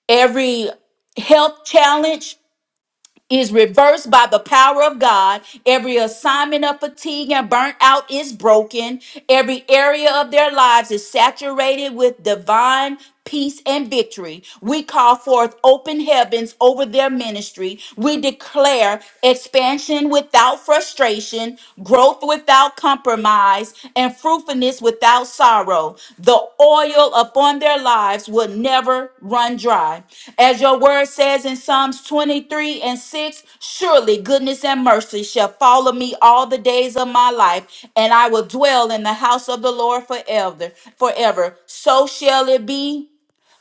Every health challenge is reversed by the power of God. Every assignment of fatigue and burnout is broken. Every area of their lives is saturated with divine peace and victory. We call forth open heavens over their ministry. We declare expansion without frustration, growth without compromise compromise and fruitfulness without sorrow. The oil upon their lives will never run dry. As your word says in Psalms 23 and 6, surely goodness and mercy shall follow me all the days of my life, and I will dwell in the house of the Lord forever. Forever. So shall it be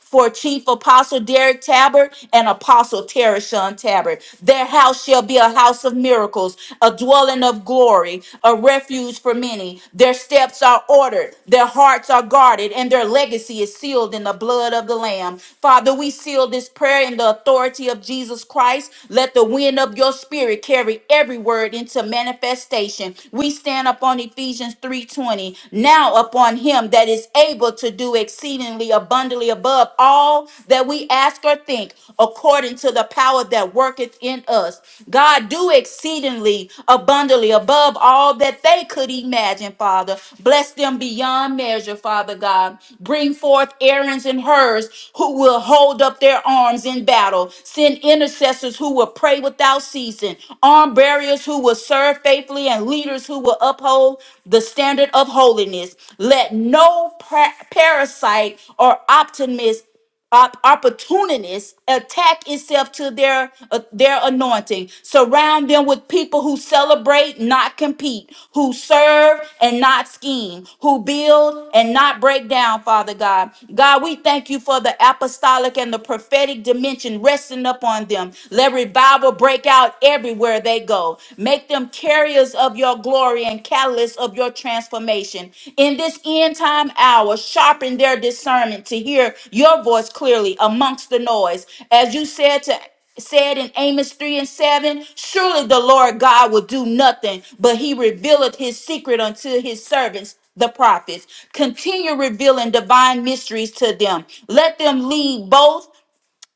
for Chief Apostle Derek Tabard and Apostle Tereshon Tabard. Their house shall be a house of miracles, a dwelling of glory, a refuge for many. Their steps are ordered, their hearts are guarded, and their legacy is sealed in the blood of the Lamb. Father, we seal this prayer in the authority of Jesus Christ. Let the wind of your spirit carry every word into manifestation. We stand upon Ephesians 3:20. Now upon on him that is able to do exceedingly abundantly above all that we ask or think, according to the power that worketh in us. God, do exceedingly abundantly above all that they could imagine, Father. Bless them beyond measure, Father God. Bring forth Aaron's and hers who will hold up their arms in battle. Send intercessors who will pray without ceasing, arm barriers who will serve faithfully and lead leaders who will uphold the standard of holiness. Let no pra- parasite or optimist op- opportunists attack itself to their uh, their anointing surround them with people who celebrate not compete who serve and not scheme who build and not break down father god god we thank you for the apostolic and the prophetic dimension resting upon them let revival break out everywhere they go. Make them carriers of your glory and catalysts of your transformation. In this end time hour, sharpen their discernment to hear your voice clearly amongst the noise. As you said to said in Amos 3 and 7, surely the Lord God will do nothing, but he revealeth his secret unto his servants, the prophets. Continue revealing divine mysteries to them. Let them lead both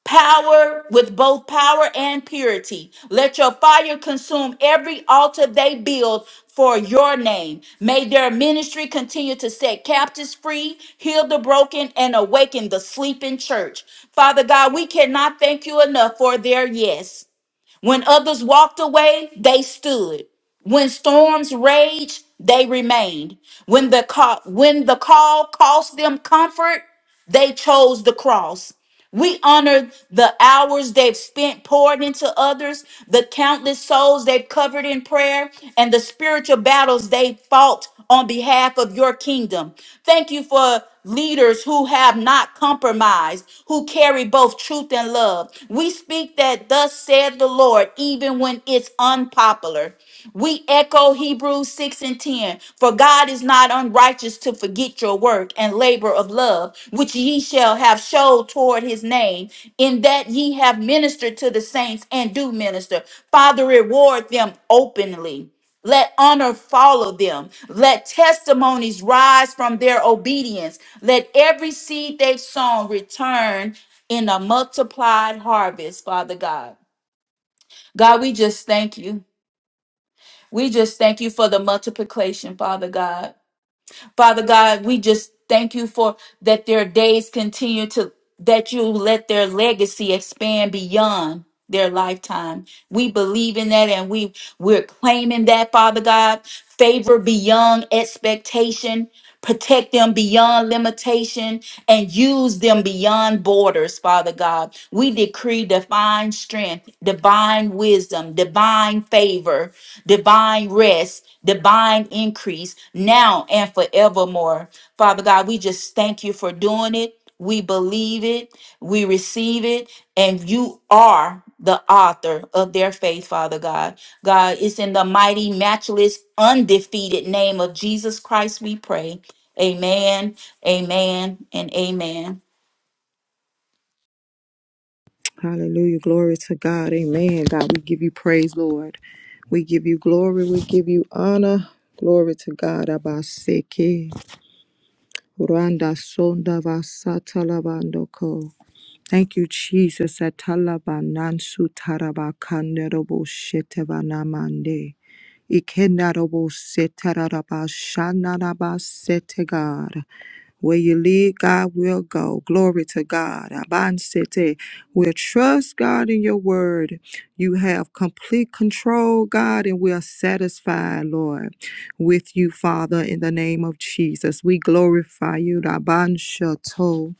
power with both power and purity. Let your fire consume every altar they build for your name. May their ministry continue to set captives free, heal the broken, and awaken the sleeping church. Father God, we cannot thank you enough for their yes. When others walked away, they stood. When storms raged, they remained. When the call, when the call cost them comfort, they chose the cross. We honor the hours they've spent poured into others, the countless souls they've covered in prayer, and the spiritual battles they fought on behalf of your kingdom. Thank you for leaders who have not compromised, who carry both truth and love. We speak that thus said said the Lord, even when it's unpopular. We echo Hebrews 6 and 10. For God is not unrighteous to forget your work and labor of love, which ye shall have showed toward his name, in that ye have ministered to the saints and do minister. Father, reward them openly. Let honor follow them. Let testimonies rise from their obedience. Let every seed they've sown return in a multiplied harvest, Father God. God, we just thank you. We just thank you for the multiplication, Father God. Father God, we just thank you for that their days continue to, that you let their legacy expand beyond their lifetime. We believe in that and we, we're claiming that, Father God, favor beyond expectation. Protect them beyond limitation and use them beyond borders, Father God. We decree divine strength, divine wisdom, divine favor, divine rest, divine increase now and forevermore. Father God, we just thank you for doing it. We believe it, we receive it, and you are the author of their faith, Father God. God, it's in the mighty, matchless, undefeated name of Jesus Christ we pray. Amen, amen, and amen. Hallelujah. Glory to God. Amen. God, we give you praise, Lord. We give you glory. We give you honor. Glory to God. Abaseke. Randa sonda vasata lavando Thank you, Jesus. Atalaba nansu taraba Atalabanansu tarabakanderobo shetevanamande. Ikendarobo setarabashanaraba setegara. Where you lead, God will go. Glory to God. Abansete. We'll trust God in your word. You have complete control, God, and we are satisfied, Lord, with you, Father, in the name of Jesus. We glorify you. Rabanshato.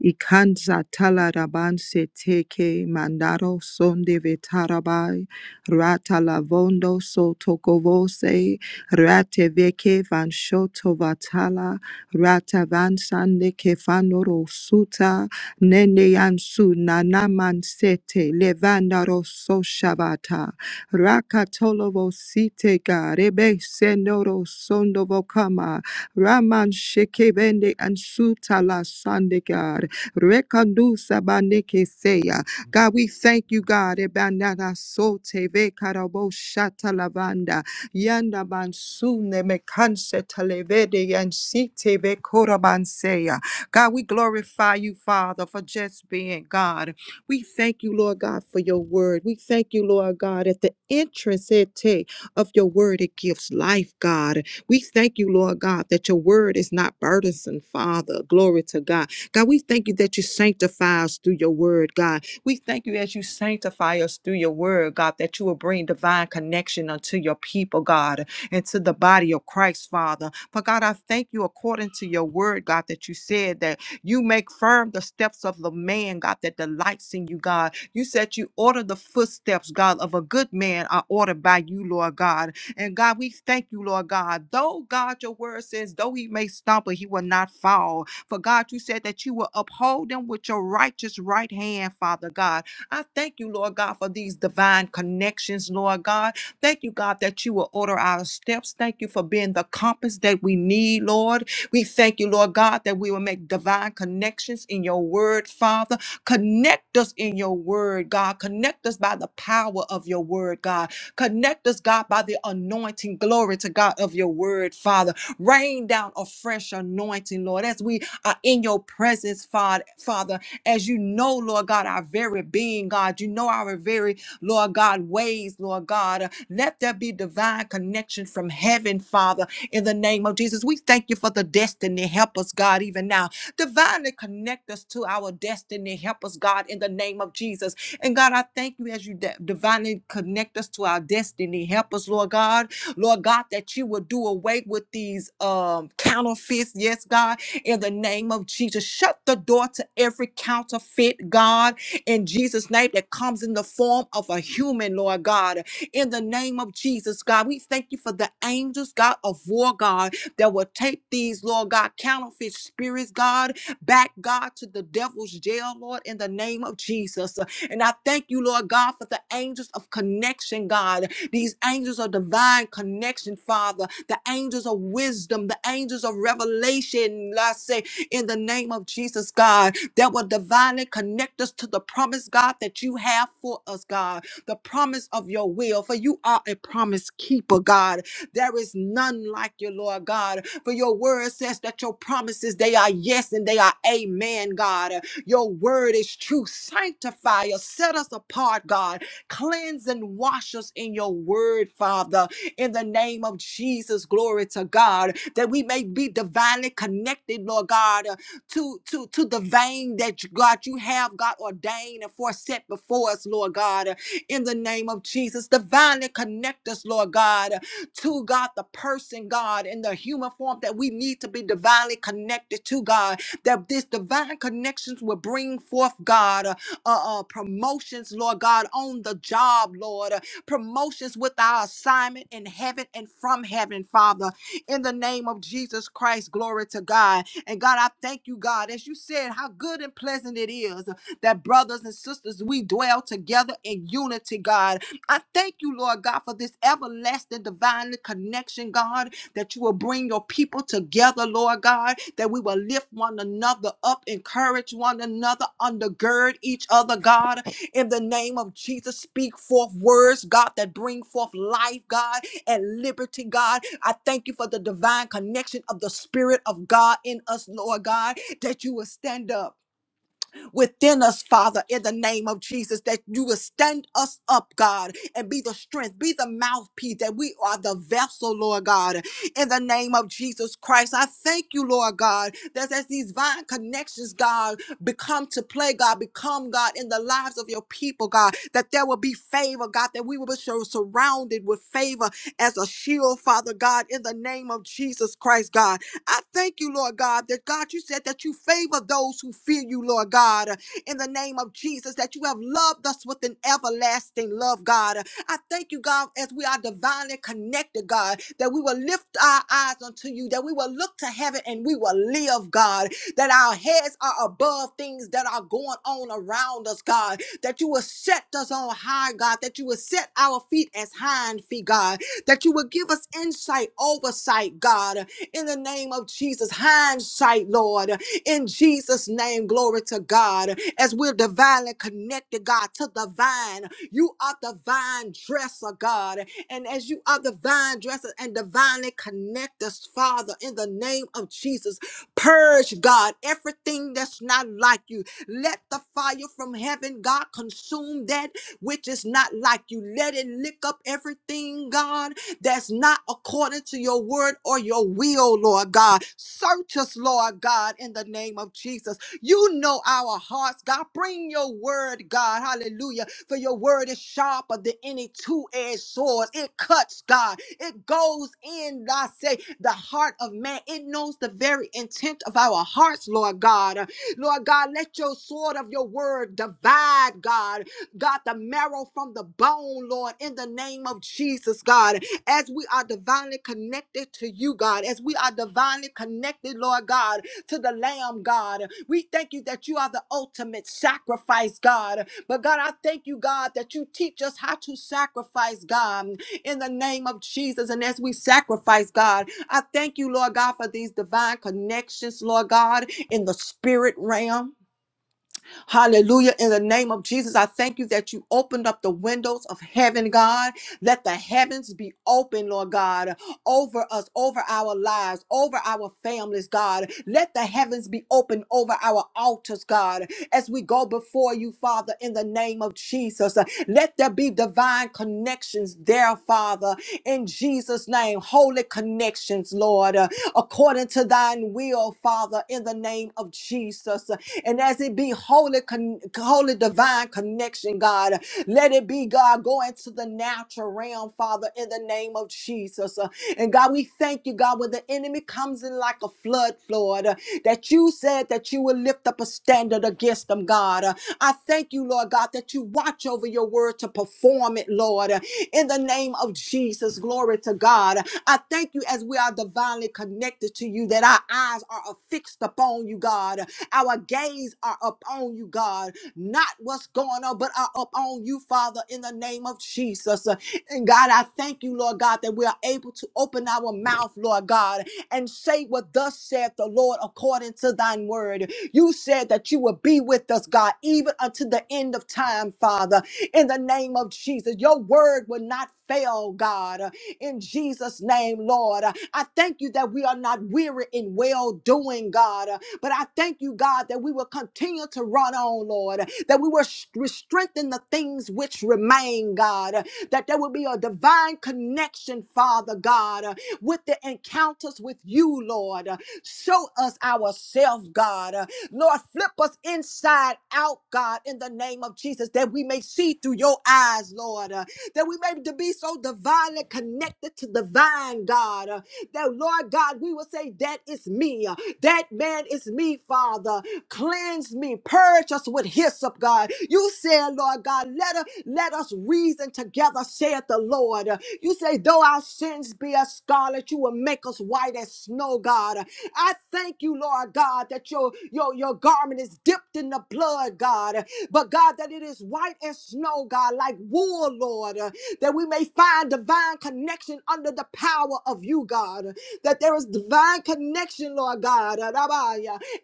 Ikanza talaraban se teke mandaro son de vetarabai, rata lavondo so tokovose, rate veke van shoto vatala, rata van sande kefanoro suta, nene yansu nanaman sete, levandaro so shavata, rakatolovo site ga, rebe senoro sondovo kama, raman shekevende ansuta la sandega, Rekandusa banekeseya. God, we thank you, God. Ebanana sote ve karabo shata lavanda. Yanda mansune me kanse talevede yansite ve korabanseya. God, we glorify you, Father, for just being God. We thank you, Lord God, for your word. We thank you, Lord God, at the entrance ete, of your word, it gives life, God. We thank you, Lord God, that your word is not burdensome, Father. Glory to God God, we thank you that you sanctify us through your word, God. We thank you as you sanctify us through your word, God, that you will bring divine connection unto your people, God, and to the body of Christ, Father. For God, I thank you according to your word, God, that you said that you make firm the steps of the man, God, that delights in you, God. You said you order the footsteps, God, of a good man are ordered by you, Lord God. And God, we thank you, Lord God. Though God, your word says, though he may stumble, he will not fall. For God, you said that you will uphold them with your righteous right hand, Father God. I thank you, Lord God, for these divine connections, Lord God. Thank you, God, that you will order our steps. Thank you for being the compass that we need, Lord. We thank you, Lord God, that we will make divine connections in your word, Father. Connect us in your word, God. Connect us by the power of your word, God. Connect us, God, by the anointing, glory to God, of your word, Father. Rain down a fresh anointing, Lord, as we uh, in your presence, Father, Father, as you know, Lord God, our very being, God, you know our very, Lord God, ways, Lord God. Uh, let there be divine connection from heaven, Father, in the name of Jesus. We thank you for the destiny. Help us, God, even now. Divinely connect us to our destiny. Help us, God, in the name of Jesus. And God, I thank you as you di- divinely connect us to our destiny. Help us, Lord God. Lord God, that you will do away with these um counterfeits. Yes, God in the name of Jesus. Shut the door to every counterfeit, God, in Jesus' name that comes in the form of a human, Lord God. In the name of Jesus, God, we thank you for the angels, God, of war, God, that will take these, Lord God, counterfeit spirits, God, back, God, to the devil's jail, Lord, in the name of Jesus. And I thank you, Lord God, for the angels of connection, God, these angels of divine connection, Father, the angels of wisdom, the angels of revelation, I say, in the name of Jesus, God, that will divinely connect us to the promise, God, that you have for us, God, the promise of your will. For you are a promise keeper, God. There is none like you, Lord God. For your word says that your promises, they are yes and they are amen, God. Your word is true. Sanctify us, set us apart, God Cleanse and wash us in your word, Father, in the name of Jesus. Glory to God, that we may be divinely connected, Lord God, uh, to, to, to the vein that God you have, God, ordained and foreset before us, Lord God, uh, in the name of Jesus. Divinely connect us, Lord God, uh, to God, the person, God, in the human form that we need to be divinely connected to, God, that this divine connections will bring forth, God. uh, uh, uh, promotions, Lord God, on the job, Lord, uh, promotions with our assignment in heaven and from heaven, Father, in the name of Jesus Christ. Glory to God. And God, I thank you, God, as you said, how good and pleasant it is that brothers and sisters, we dwell together in unity, God. I thank you, Lord God, for this everlasting divine connection, God that you will bring your people together, Lord God, that we will lift one another up, encourage one another, undergird each other, God, in the name of Jesus. Speak forth words, God, that bring forth life, God, and liberty, God. I thank you for the divine connection of the Spirit of God in us, Lord God, that you will stand up within us, Father, in the name of Jesus, that you will stand us up, God, and be the strength, be the mouthpiece, that we are the vessel, Lord God, in the name of Jesus Christ. I thank you, Lord God, that as these vine connections, God, become to play, God, become, God, in the lives of your people, God, that there will be favor, God, that we will be sur- surrounded with favor as a shield, Father God, in the name of Jesus Christ, God. I thank you, Lord God, that God, you said that you favor those who fear you, Lord God, in the name of Jesus, that you have loved us with an everlasting love, God. I thank you, God, as we are divinely connected, God, that we will lift our eyes unto you, that we will look to heaven and we will live, God, that our heads are above things that are going on around us, God, that you will set us on high, God, that you will set our feet as hind feet, God, that you will give us insight, oversight, God, in the name of Jesus. Hindsight, Lord, in Jesus' name, glory to God. As we're divinely connected, God, to the vine, you are the vine dresser, God. And as you are the vine dresser and divinely connect us, Father, in the name of Jesus, purge, God, everything that's not like you. Let the fire from heaven, God, consume that which is not like you. Let it lick up everything, God, that's not according to your word or your will, Lord God. Search us, Lord God, in the name of Jesus. You know our hearts, God. Bring your word, God. Hallelujah. For your word is sharper than any two edged sword. It cuts, God. It goes in, I say, the heart of man. It knows the very intent of our hearts, Lord God. Uh, Lord God, let your sword of your word divide, God. God, the marrow from the bone, Lord, in the name of Jesus, God as we are divinely connected to you, God, as we are divinely connected, Lord God, to the Lamb, God. We thank you that you are the ultimate sacrifice, God. But God, I thank you, God, that you teach us how to sacrifice, God, in the name of Jesus. And as we sacrifice, God, I thank you, Lord God, for these divine connections, Lord God, in the spirit realm. Hallelujah. In the name of Jesus, I thank you that you opened up the windows of heaven, God. Let the heavens be open, Lord God over us, over our lives, over our families, God. Let the heavens be open over our altars, God, as we go before you, Father, in the name of Jesus. Let there be divine connections there, Father, in Jesus' name. Holy connections, Lord, uh, according to thine will, Father, in the name of Jesus. And as it be holy, con- holy divine connection, God, let it be, God, go into the natural realm, Father, in the name of of Jesus. Uh, And God, we thank you, God, when the enemy comes in like a flood, Lord, uh, that you said that you will lift up a standard against them, God. Uh, I thank you, Lord God, that you watch over your word to perform it, Lord. Uh, In the name of Jesus, glory to God. Uh, I thank you as we are divinely connected to you, that our eyes are affixed upon you, God. Uh, Our gaze are upon you, God. Not what's going on, but are upon you, Father, in the name of Jesus. Uh, And God, God, I thank you, Lord God, that we are able to open our mouth, Lord God, and say what thus saith the Lord according to thine word. You said that you will be with us, God, even unto the end of time, Father, in the name of Jesus. Your word will not fail, God, in Jesus' name, Lord. I thank you that we are not weary in well doing, God, but I thank you, God, that we will continue to run on, Lord, that we will sh- strengthen the things which remain, God, that there will be a divine connection, Father God, uh, with the encounters with you, Lord. Uh, Show us ourselves, God. Uh, Lord, flip us inside out, God, in the name of Jesus, that we may see through your eyes, Lord, Uh, that we may to be so divinely connected to divine, God, Uh, that, Lord God, we will say, That is me. Uh, That man is me, Father. Cleanse me, purge us with hyssop, God. You said, Lord God, let us let us reason together, saith the Lord. You say, though our sins be as scarlet, you will make us white as snow, God. I thank you, Lord God, that your your your garment is dipped in the blood, God. But God, that it is white as snow, God, like wool, Lord. uh, That we may find divine connection under the power of you, God. That there is divine connection, Lord God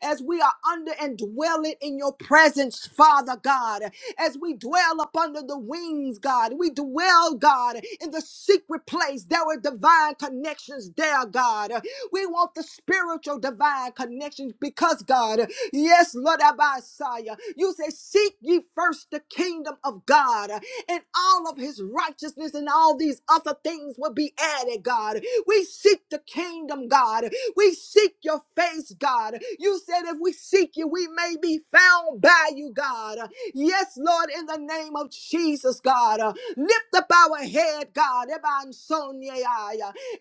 as we are under and dwelling in your presence, Father God, as we dwell up under the wings, God, we dwell, God, in the secret place. There were divine connections there, God. We want the spiritual divine connections because, God, yes, Lord Abisaya, you say, Seek ye first the kingdom of God and all of his righteousness and all these other things will be added, God. We seek the kingdom, God. We seek your face, God. You said if we seek you, we may be found by you, God. Yes, Lord, in the name of Jesus, God. Lift up our head, God.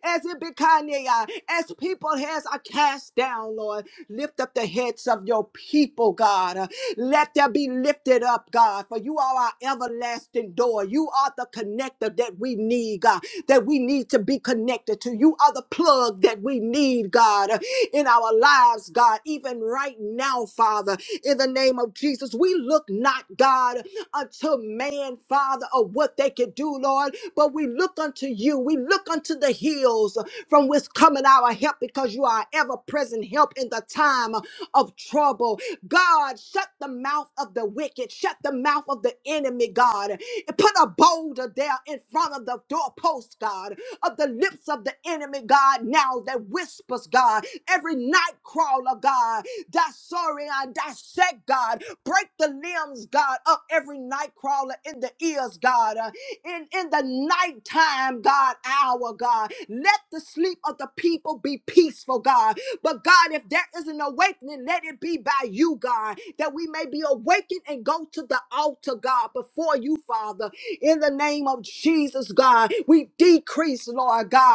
As it becanyaya, as people heads are cast down, Lord. Lift up the heads of your people, God. Let there be lifted up, God. For you are our everlasting door. You are the connector that we need, God. That we need to be connected to. You are are the plug that we need, God, in our lives, God, even right now, Father, in the name of Jesus. We look not, God, unto man, Father, of what they can do, Lord, but we look unto you. We look unto the hills from which coming our help because you are ever present help in the time of trouble. God, shut the mouth of the wicked, shut the mouth of the enemy, God, and put a boulder there in front of the doorpost, God of the lips of the enemy, God, now that whispers, God, every night crawler, God, sorry, I dissect, God, break the limbs, God, of every night crawler in the ears, God, uh, in, in the nighttime, God, hour, God. Let the sleep of the people be peaceful, God. But God, if there is an awakening, let it be by you, God, that we may be awakened and go to the altar, God, before you, Father. In the name of Jesus, God, we decrease, Lord God,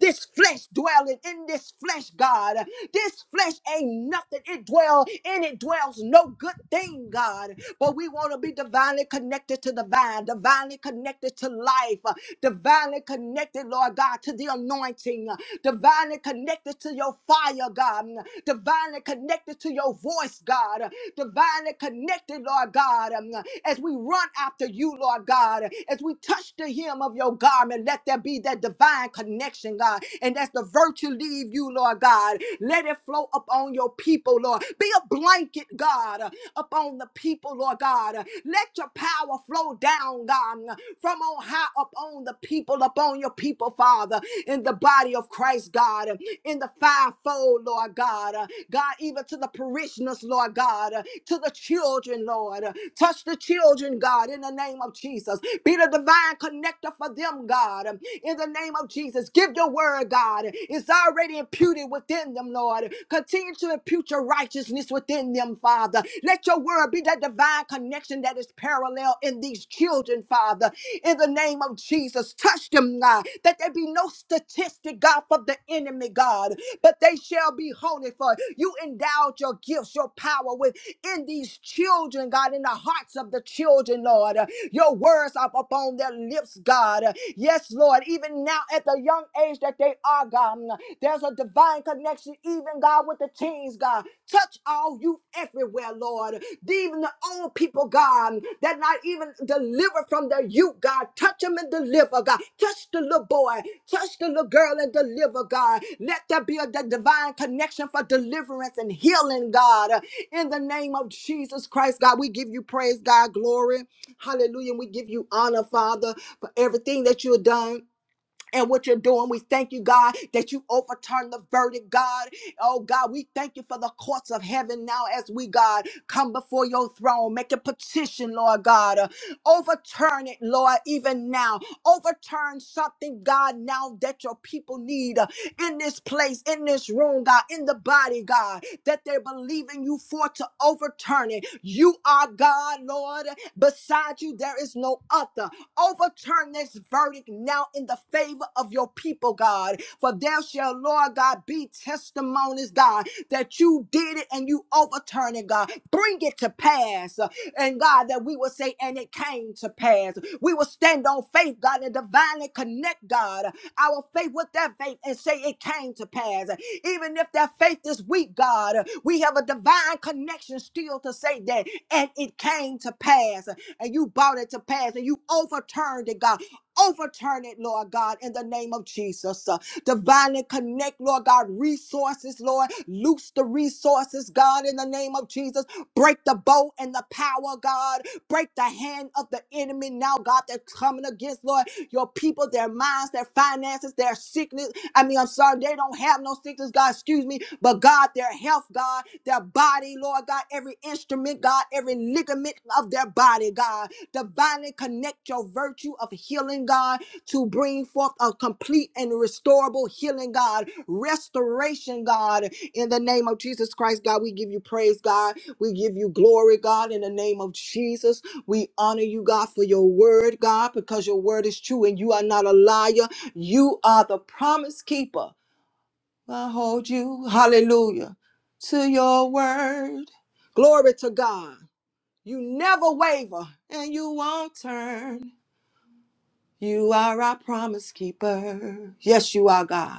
this flesh dwelling in this flesh, God. This flesh ain't nothing. It dwell in it dwells no good thing, God. But we want to be divinely connected to the vine, divinely connected to life, uh, divinely connected, Lord God, to the anointing, uh, divinely connected to your fire, God, mm, divinely connected to your voice, God, uh, divinely connected, Lord God, um, as we run after you, Lord God, as we touch the hem of your garment, let there be that divine connection, God, and as the virtue leave you, Lord God, let it flow upon your people, Lord. Be a blanket, God, upon the people, Lord God. Let your power flow down, God, from on high upon the people, upon your people, Father, in the body of Christ, God, in the fivefold, Lord God. God, even to the parishioners, Lord God, to the children, Lord. Touch the children, God, in the name of Jesus. Be the divine connector for them, God, in the name of Jesus. Give your word, God. It's already already imputed within them, Lord. Continue to impute your righteousness within them, Father. Let your word be that divine connection that is parallel in these children, Father. In the name of Jesus, touch them, God, that there be no statistic, God, for the enemy, God, but they shall be holy, for you endowed your gifts, your power within these children, God, in the hearts of the children, Lord. Your words are up upon their lips, God. Yes, Lord, even now at the young age that they are, God, there's a divine connection, even God, with the teens, God. Touch all youth everywhere, Lord. Even the old people, God, that not even deliver from their youth, God. Touch them and deliver, God. Touch the little boy, touch the little girl and deliver, God. Let there be a the divine connection for deliverance and healing, God. In the name of Jesus Christ, God, we give you praise, God, glory. Hallelujah. And we give you honor, Father, for everything that you've done. And what you're doing, we thank you, God, that you overturn the verdict, God. Oh, God, we thank you for the courts of heaven now as we, God, come before your throne, make a petition, Lord God. Uh, Overturn it, Lord, even now. Overturn something, God, now that your people need uh, in this place, in this room, God, in the body, God, that they're believing you for to overturn it. You are God, Lord. Beside you, there is no other. Overturn this verdict now in the favor of your people, God. For there shall, Lord God, be testimonies, God, that you did it and you overturn it, God. Bring it to pass. uh, and God, that we will say, and it came to pass. We will stand on faith, God, and divinely connect, God, our faith with that faith and say it came to pass. Even if that faith is weak, God, we have a divine connection still to say that, and it came to pass. And you brought it to pass, and you overturned it, God. Overturn it, Lord God, in the name of Jesus. Uh, divinely connect, Lord God, resources, Lord. Loose the resources, God, in the name of Jesus. Break the bow and the power, God. Break the hand of the enemy now, God, that's coming against, Lord, your people, their minds, their finances, their sickness. I mean, I'm sorry, they don't have no sickness, God, excuse me, but God, their health, God, their body, Lord God, every instrument, God, every ligament of their body, God, divinely connect your virtue of healing, God, to bring forth a complete and restorable healing, God, restoration, God, in the name of Jesus Christ, God, we give you praise, God. We give you glory, God, in the name of Jesus. We honor you, God, for your word, God, because your word is true and you are not a liar. You are the promise keeper. I hold you, hallelujah, to your word. Glory to God. You never waver and you won't turn. You are our promise keeper. Yes, you are God.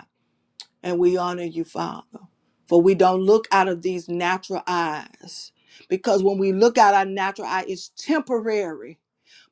And we honor you, Father, for we don't look out of these natural eyes. Because when we look out our natural eye, it's temporary.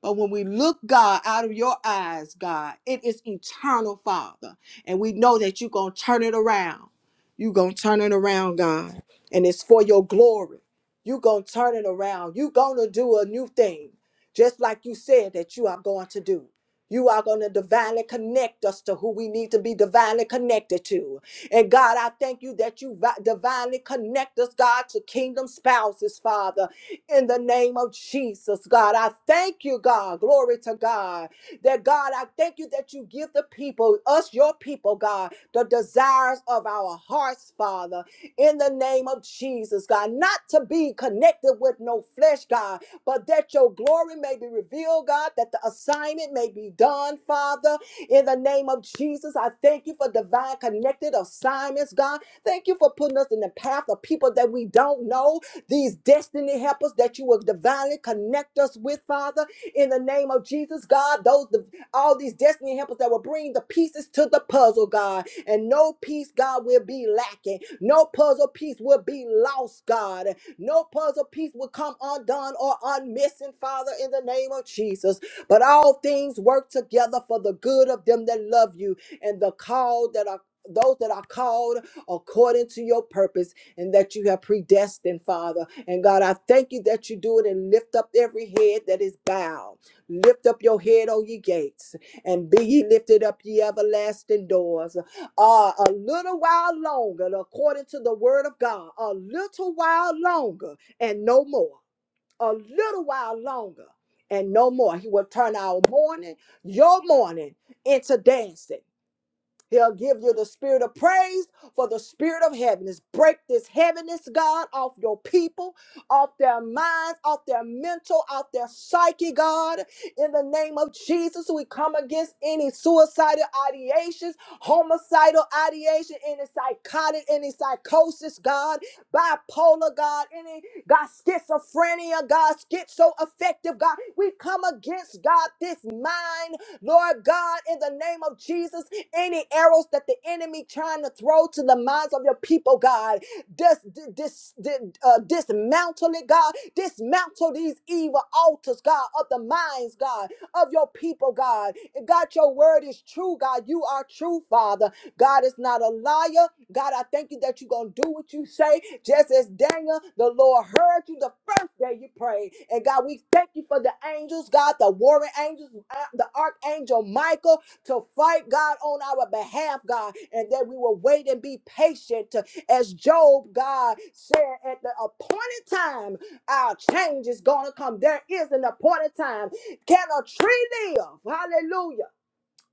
But when we look, God, out of your eyes, God, it is eternal, Father. And we know that you're going to turn it around. You're going to turn it around, God. And it's for your glory. You're going to turn it around. You're going to do a new thing, just like you said that you are going to do. You are going to divinely connect us to who we need to be divinely connected to. And God, I thank you that you vi- divinely connect us, God, to kingdom spouses, Father in the name of Jesus, God. I thank you, God. Glory to God. That God, I thank you that you give the people, us, your people, God, the desires of our hearts, Father, in the name of Jesus, God. Not to be connected with no flesh, God, but that your glory may be revealed, God, that the assignment may be done, Father, in the name of Jesus. I thank you for divine connected assignments, God. Thank you for putting us in the path of people that we don't know, these destiny helpers that you will divinely connect us with, Father, in the name of Jesus, God. Those the, all these destiny helpers that will bring the pieces to the puzzle, God, and no piece, God, will be lacking. No puzzle piece will be lost, God. No puzzle piece will come undone or unmissing, Father, in the name of Jesus. But all things work together for the good of them that love you and the called that are those that are called according to your purpose and that you have predestined, Father. And God, I thank you that you do it and lift up every head that is bowed. Lift up your head, O ye gates, and be ye lifted up, ye everlasting doors. Uh, a little while longer, according to the word of God, a little while longer and no more. A little while longer and no more. He will turn our mourning, your mourning, into dancing. He'll give you the spirit of praise for the spirit of heaviness. Break this heaviness, God, off your people, off their minds, off their mental, off their psyche, God. In the name of Jesus, we come against any suicidal ideations, homicidal ideation, any psychotic, any psychosis, God, bipolar, God, any God, schizophrenia, God, schizoaffective, God. We come against, God, this mind Lord God, in the name of Jesus, any arrows that the enemy trying to throw to the minds of your people, God, dis, dis, dis, uh, dismantle it, God. Dismantle these evil altars, God, of the minds, God, of your people, God. And God, your word is true, God. You are true, Father. God is not a liar. God, I thank you that you're going to do what you say. Just as Daniel, the Lord heard you the first day you prayed. And God, we thank you for the angels, God, the warring angels, uh, the archangel Michael to fight, God, on our behalf, God, and that we will wait and be patient uh, as Job, God, said at the appointed time, our change is going to come. There is an appointed time. Can a tree live? Hallelujah.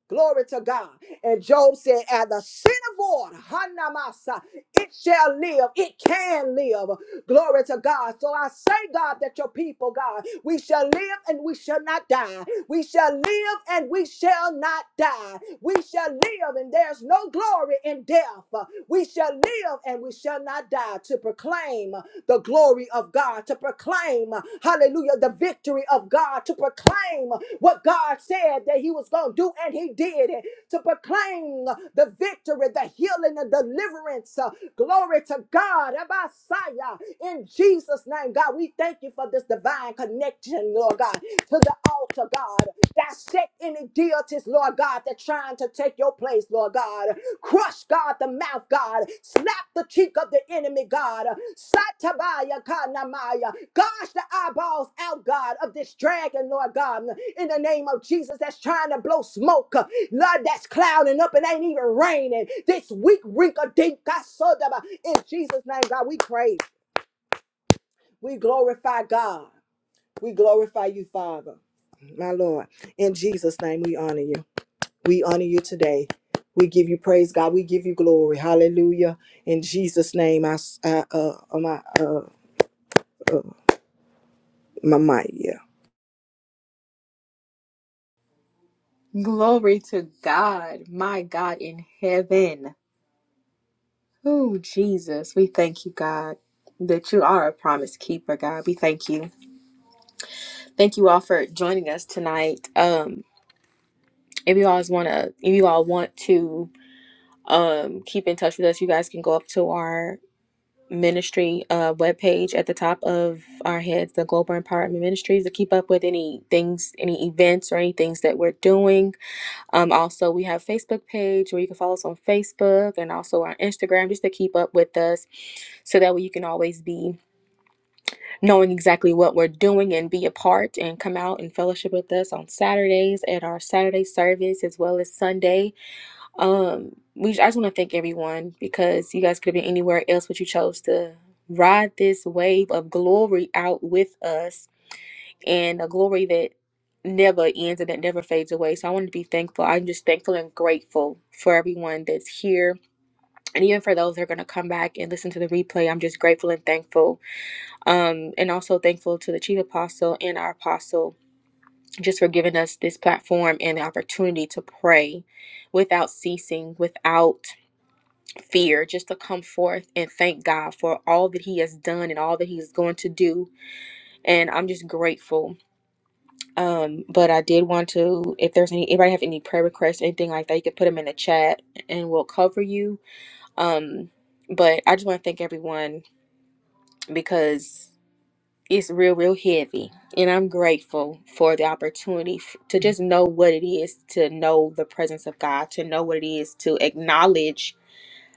Glory to God. And Job said, At the synagogue, Hanamasa, it shall live, it can live. Glory to God. So I say, God, that your people, God, we shall live and we shall not die. We shall live and we shall not die. We shall live and there's no glory in death. We shall live and we shall not die to proclaim the glory of God, to proclaim, hallelujah, the victory of God, to proclaim what God said that He was going to do, and He did it, to proclaim the victory, the healing, the deliverance. Glory to God, Abasaya, in Jesus' name. God, we thank you for this divine divine connection, Lord God, to the altar, God. Dissect any deities, Lord God, that's trying to take your place, Lord God. Crush, God, the mouth, God. Slap the cheek of the enemy, God. Satabaya kanamaya. Gosh, the eyeballs out, God, of this dragon, Lord God, in the name of Jesus that's trying to blow smoke, uh, Lord, that's clouding up and ain't even raining. This weak, rink of dink, God, so in Jesus' name, God, we pray. We glorify God. We glorify you, Father, my Lord. In Jesus' name, we honor you. We honor you today. We give you praise, God. We give you glory. Hallelujah. In Jesus' name, I, s- I, uh, uh, my, uh, uh, my mic. yeah. Glory to God, my God in heaven. Oh, Jesus, we thank you, God, that you are a promise keeper, God. We thank you. Thank you all for joining us tonight. Um, if you all want to, if you all want to. um, keep in touch with us. You guys can go up to our ministry uh, webpage at the top of our heads, the Global Empowerment Ministries, to keep up with any things, any events, or any things that we're doing. Um, also, we have Facebook page where you can follow us on Facebook and also our Instagram just to keep up with us so that way you can always be knowing exactly what we're doing and be a part and come out and fellowship with us on Saturdays at our Saturday service as well as Sunday um, we I just want to thank everyone because you guys could have been anywhere else, but you chose to ride this wave of glory out with us and a glory that never ends and that never fades away. So I want to be thankful. I'm just thankful and grateful for everyone that's here. And even for those that are gonna come back and listen to the replay, I'm just grateful and thankful. Um, and also thankful to the chief apostle and our apostle just for giving us this platform and the opportunity to pray without ceasing, without fear just to come forth and thank God for all that he has done and all that he's going to do and I'm just grateful um but I did want to if there's any anybody have any prayer requests anything like that you could put them in the chat and we'll cover you um but I just want to thank everyone because it's real real heavy and I'm grateful for the opportunity f- to just know what it is to know the presence of God to know what it is to acknowledge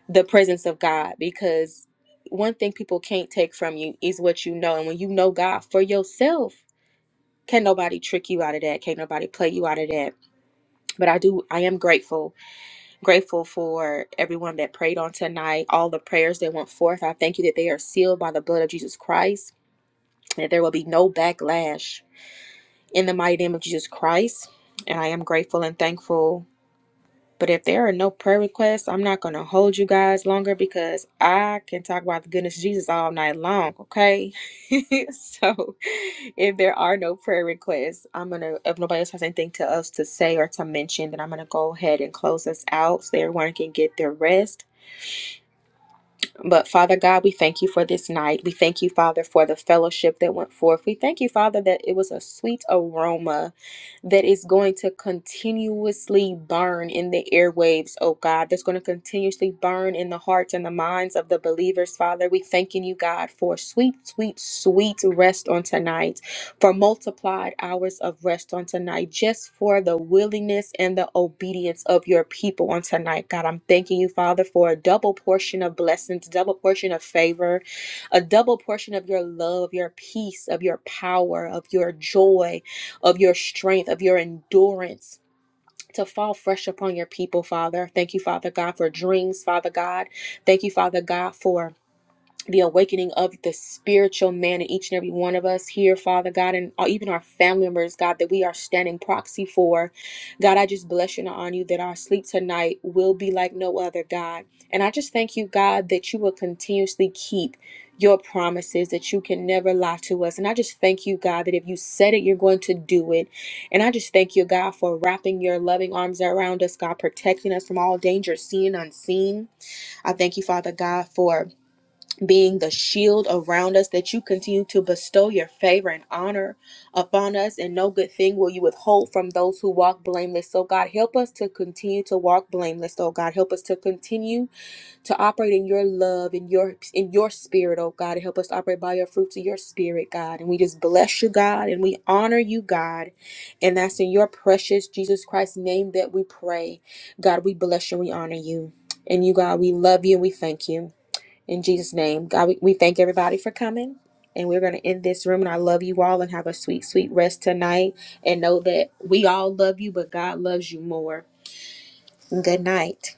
the presence of God because one thing people can't take from you is what you know. And when you know God for yourself, can't nobody trick you out of that. Can't nobody play you out of that. But I do, I am grateful, grateful for everyone that prayed on tonight, all the prayers that went forth. I thank you that they are sealed by the blood of Jesus Christ, and that there will be no backlash in the mighty name of Jesus Christ. And I am grateful and thankful But if there are no prayer requests, I'm not going to hold you guys longer because I can talk about the goodness of Jesus all night long, okay? [LAUGHS] so if there are no prayer requests, I'm going to, if nobody else has anything to us to say or to mention, then I'm going to go ahead and close us out so everyone can get their rest. But Father God, we thank you for this night. We thank you, Father, for the fellowship that went forth. We thank you, Father, that it was a sweet aroma that is going to continuously burn in the airwaves, oh God, that's going to continuously burn in the hearts and the minds of the believers, Father. We thanking you, God, for sweet, sweet, sweet rest on tonight, for multiplied hours of rest on tonight, just for the willingness and the obedience of your people on tonight, God. I'm thanking you, Father, for a double portion of blessings, double portion of favor, a double portion of your love, your peace, of your power, of your joy of your strength, of your endurance. To fall fresh upon your people, Father. Thank you, Father God, for dreams, Father God. Thank you, Father God, for the awakening of the spiritual man in each and every one of us here, Father God, and even our family members, God, that we are standing proxy for. God, I just bless you and honor you that our sleep tonight will be like no other, God. And I just thank you, God, that you will continuously keep your promises, that you can never lie to us. And I just thank you, God, that if you said it, you're going to do it. And I just thank you, God, for wrapping your loving arms around us, God, protecting us from all danger, seen, unseen. I thank you, Father God, for being the shield around us, that you continue to bestow your favor and honor upon us, and no good thing will you withhold from those who walk blameless. So, God, help us to continue to walk blameless. Oh God, help us to continue to operate in your love, in your in your spirit, oh God, and help us to operate by your fruits of your spirit, God. And we just bless you, God, and we honor you, God. And that's in your precious Jesus Christ's name that we pray. God, we bless you, and we honor you. And you, God, we love you and we thank you. In Jesus' name, God, we, we thank everybody for coming. And we're going to end this room. And I love you all and have a sweet, sweet rest tonight. And know that we all love you, but God loves you more. Good night.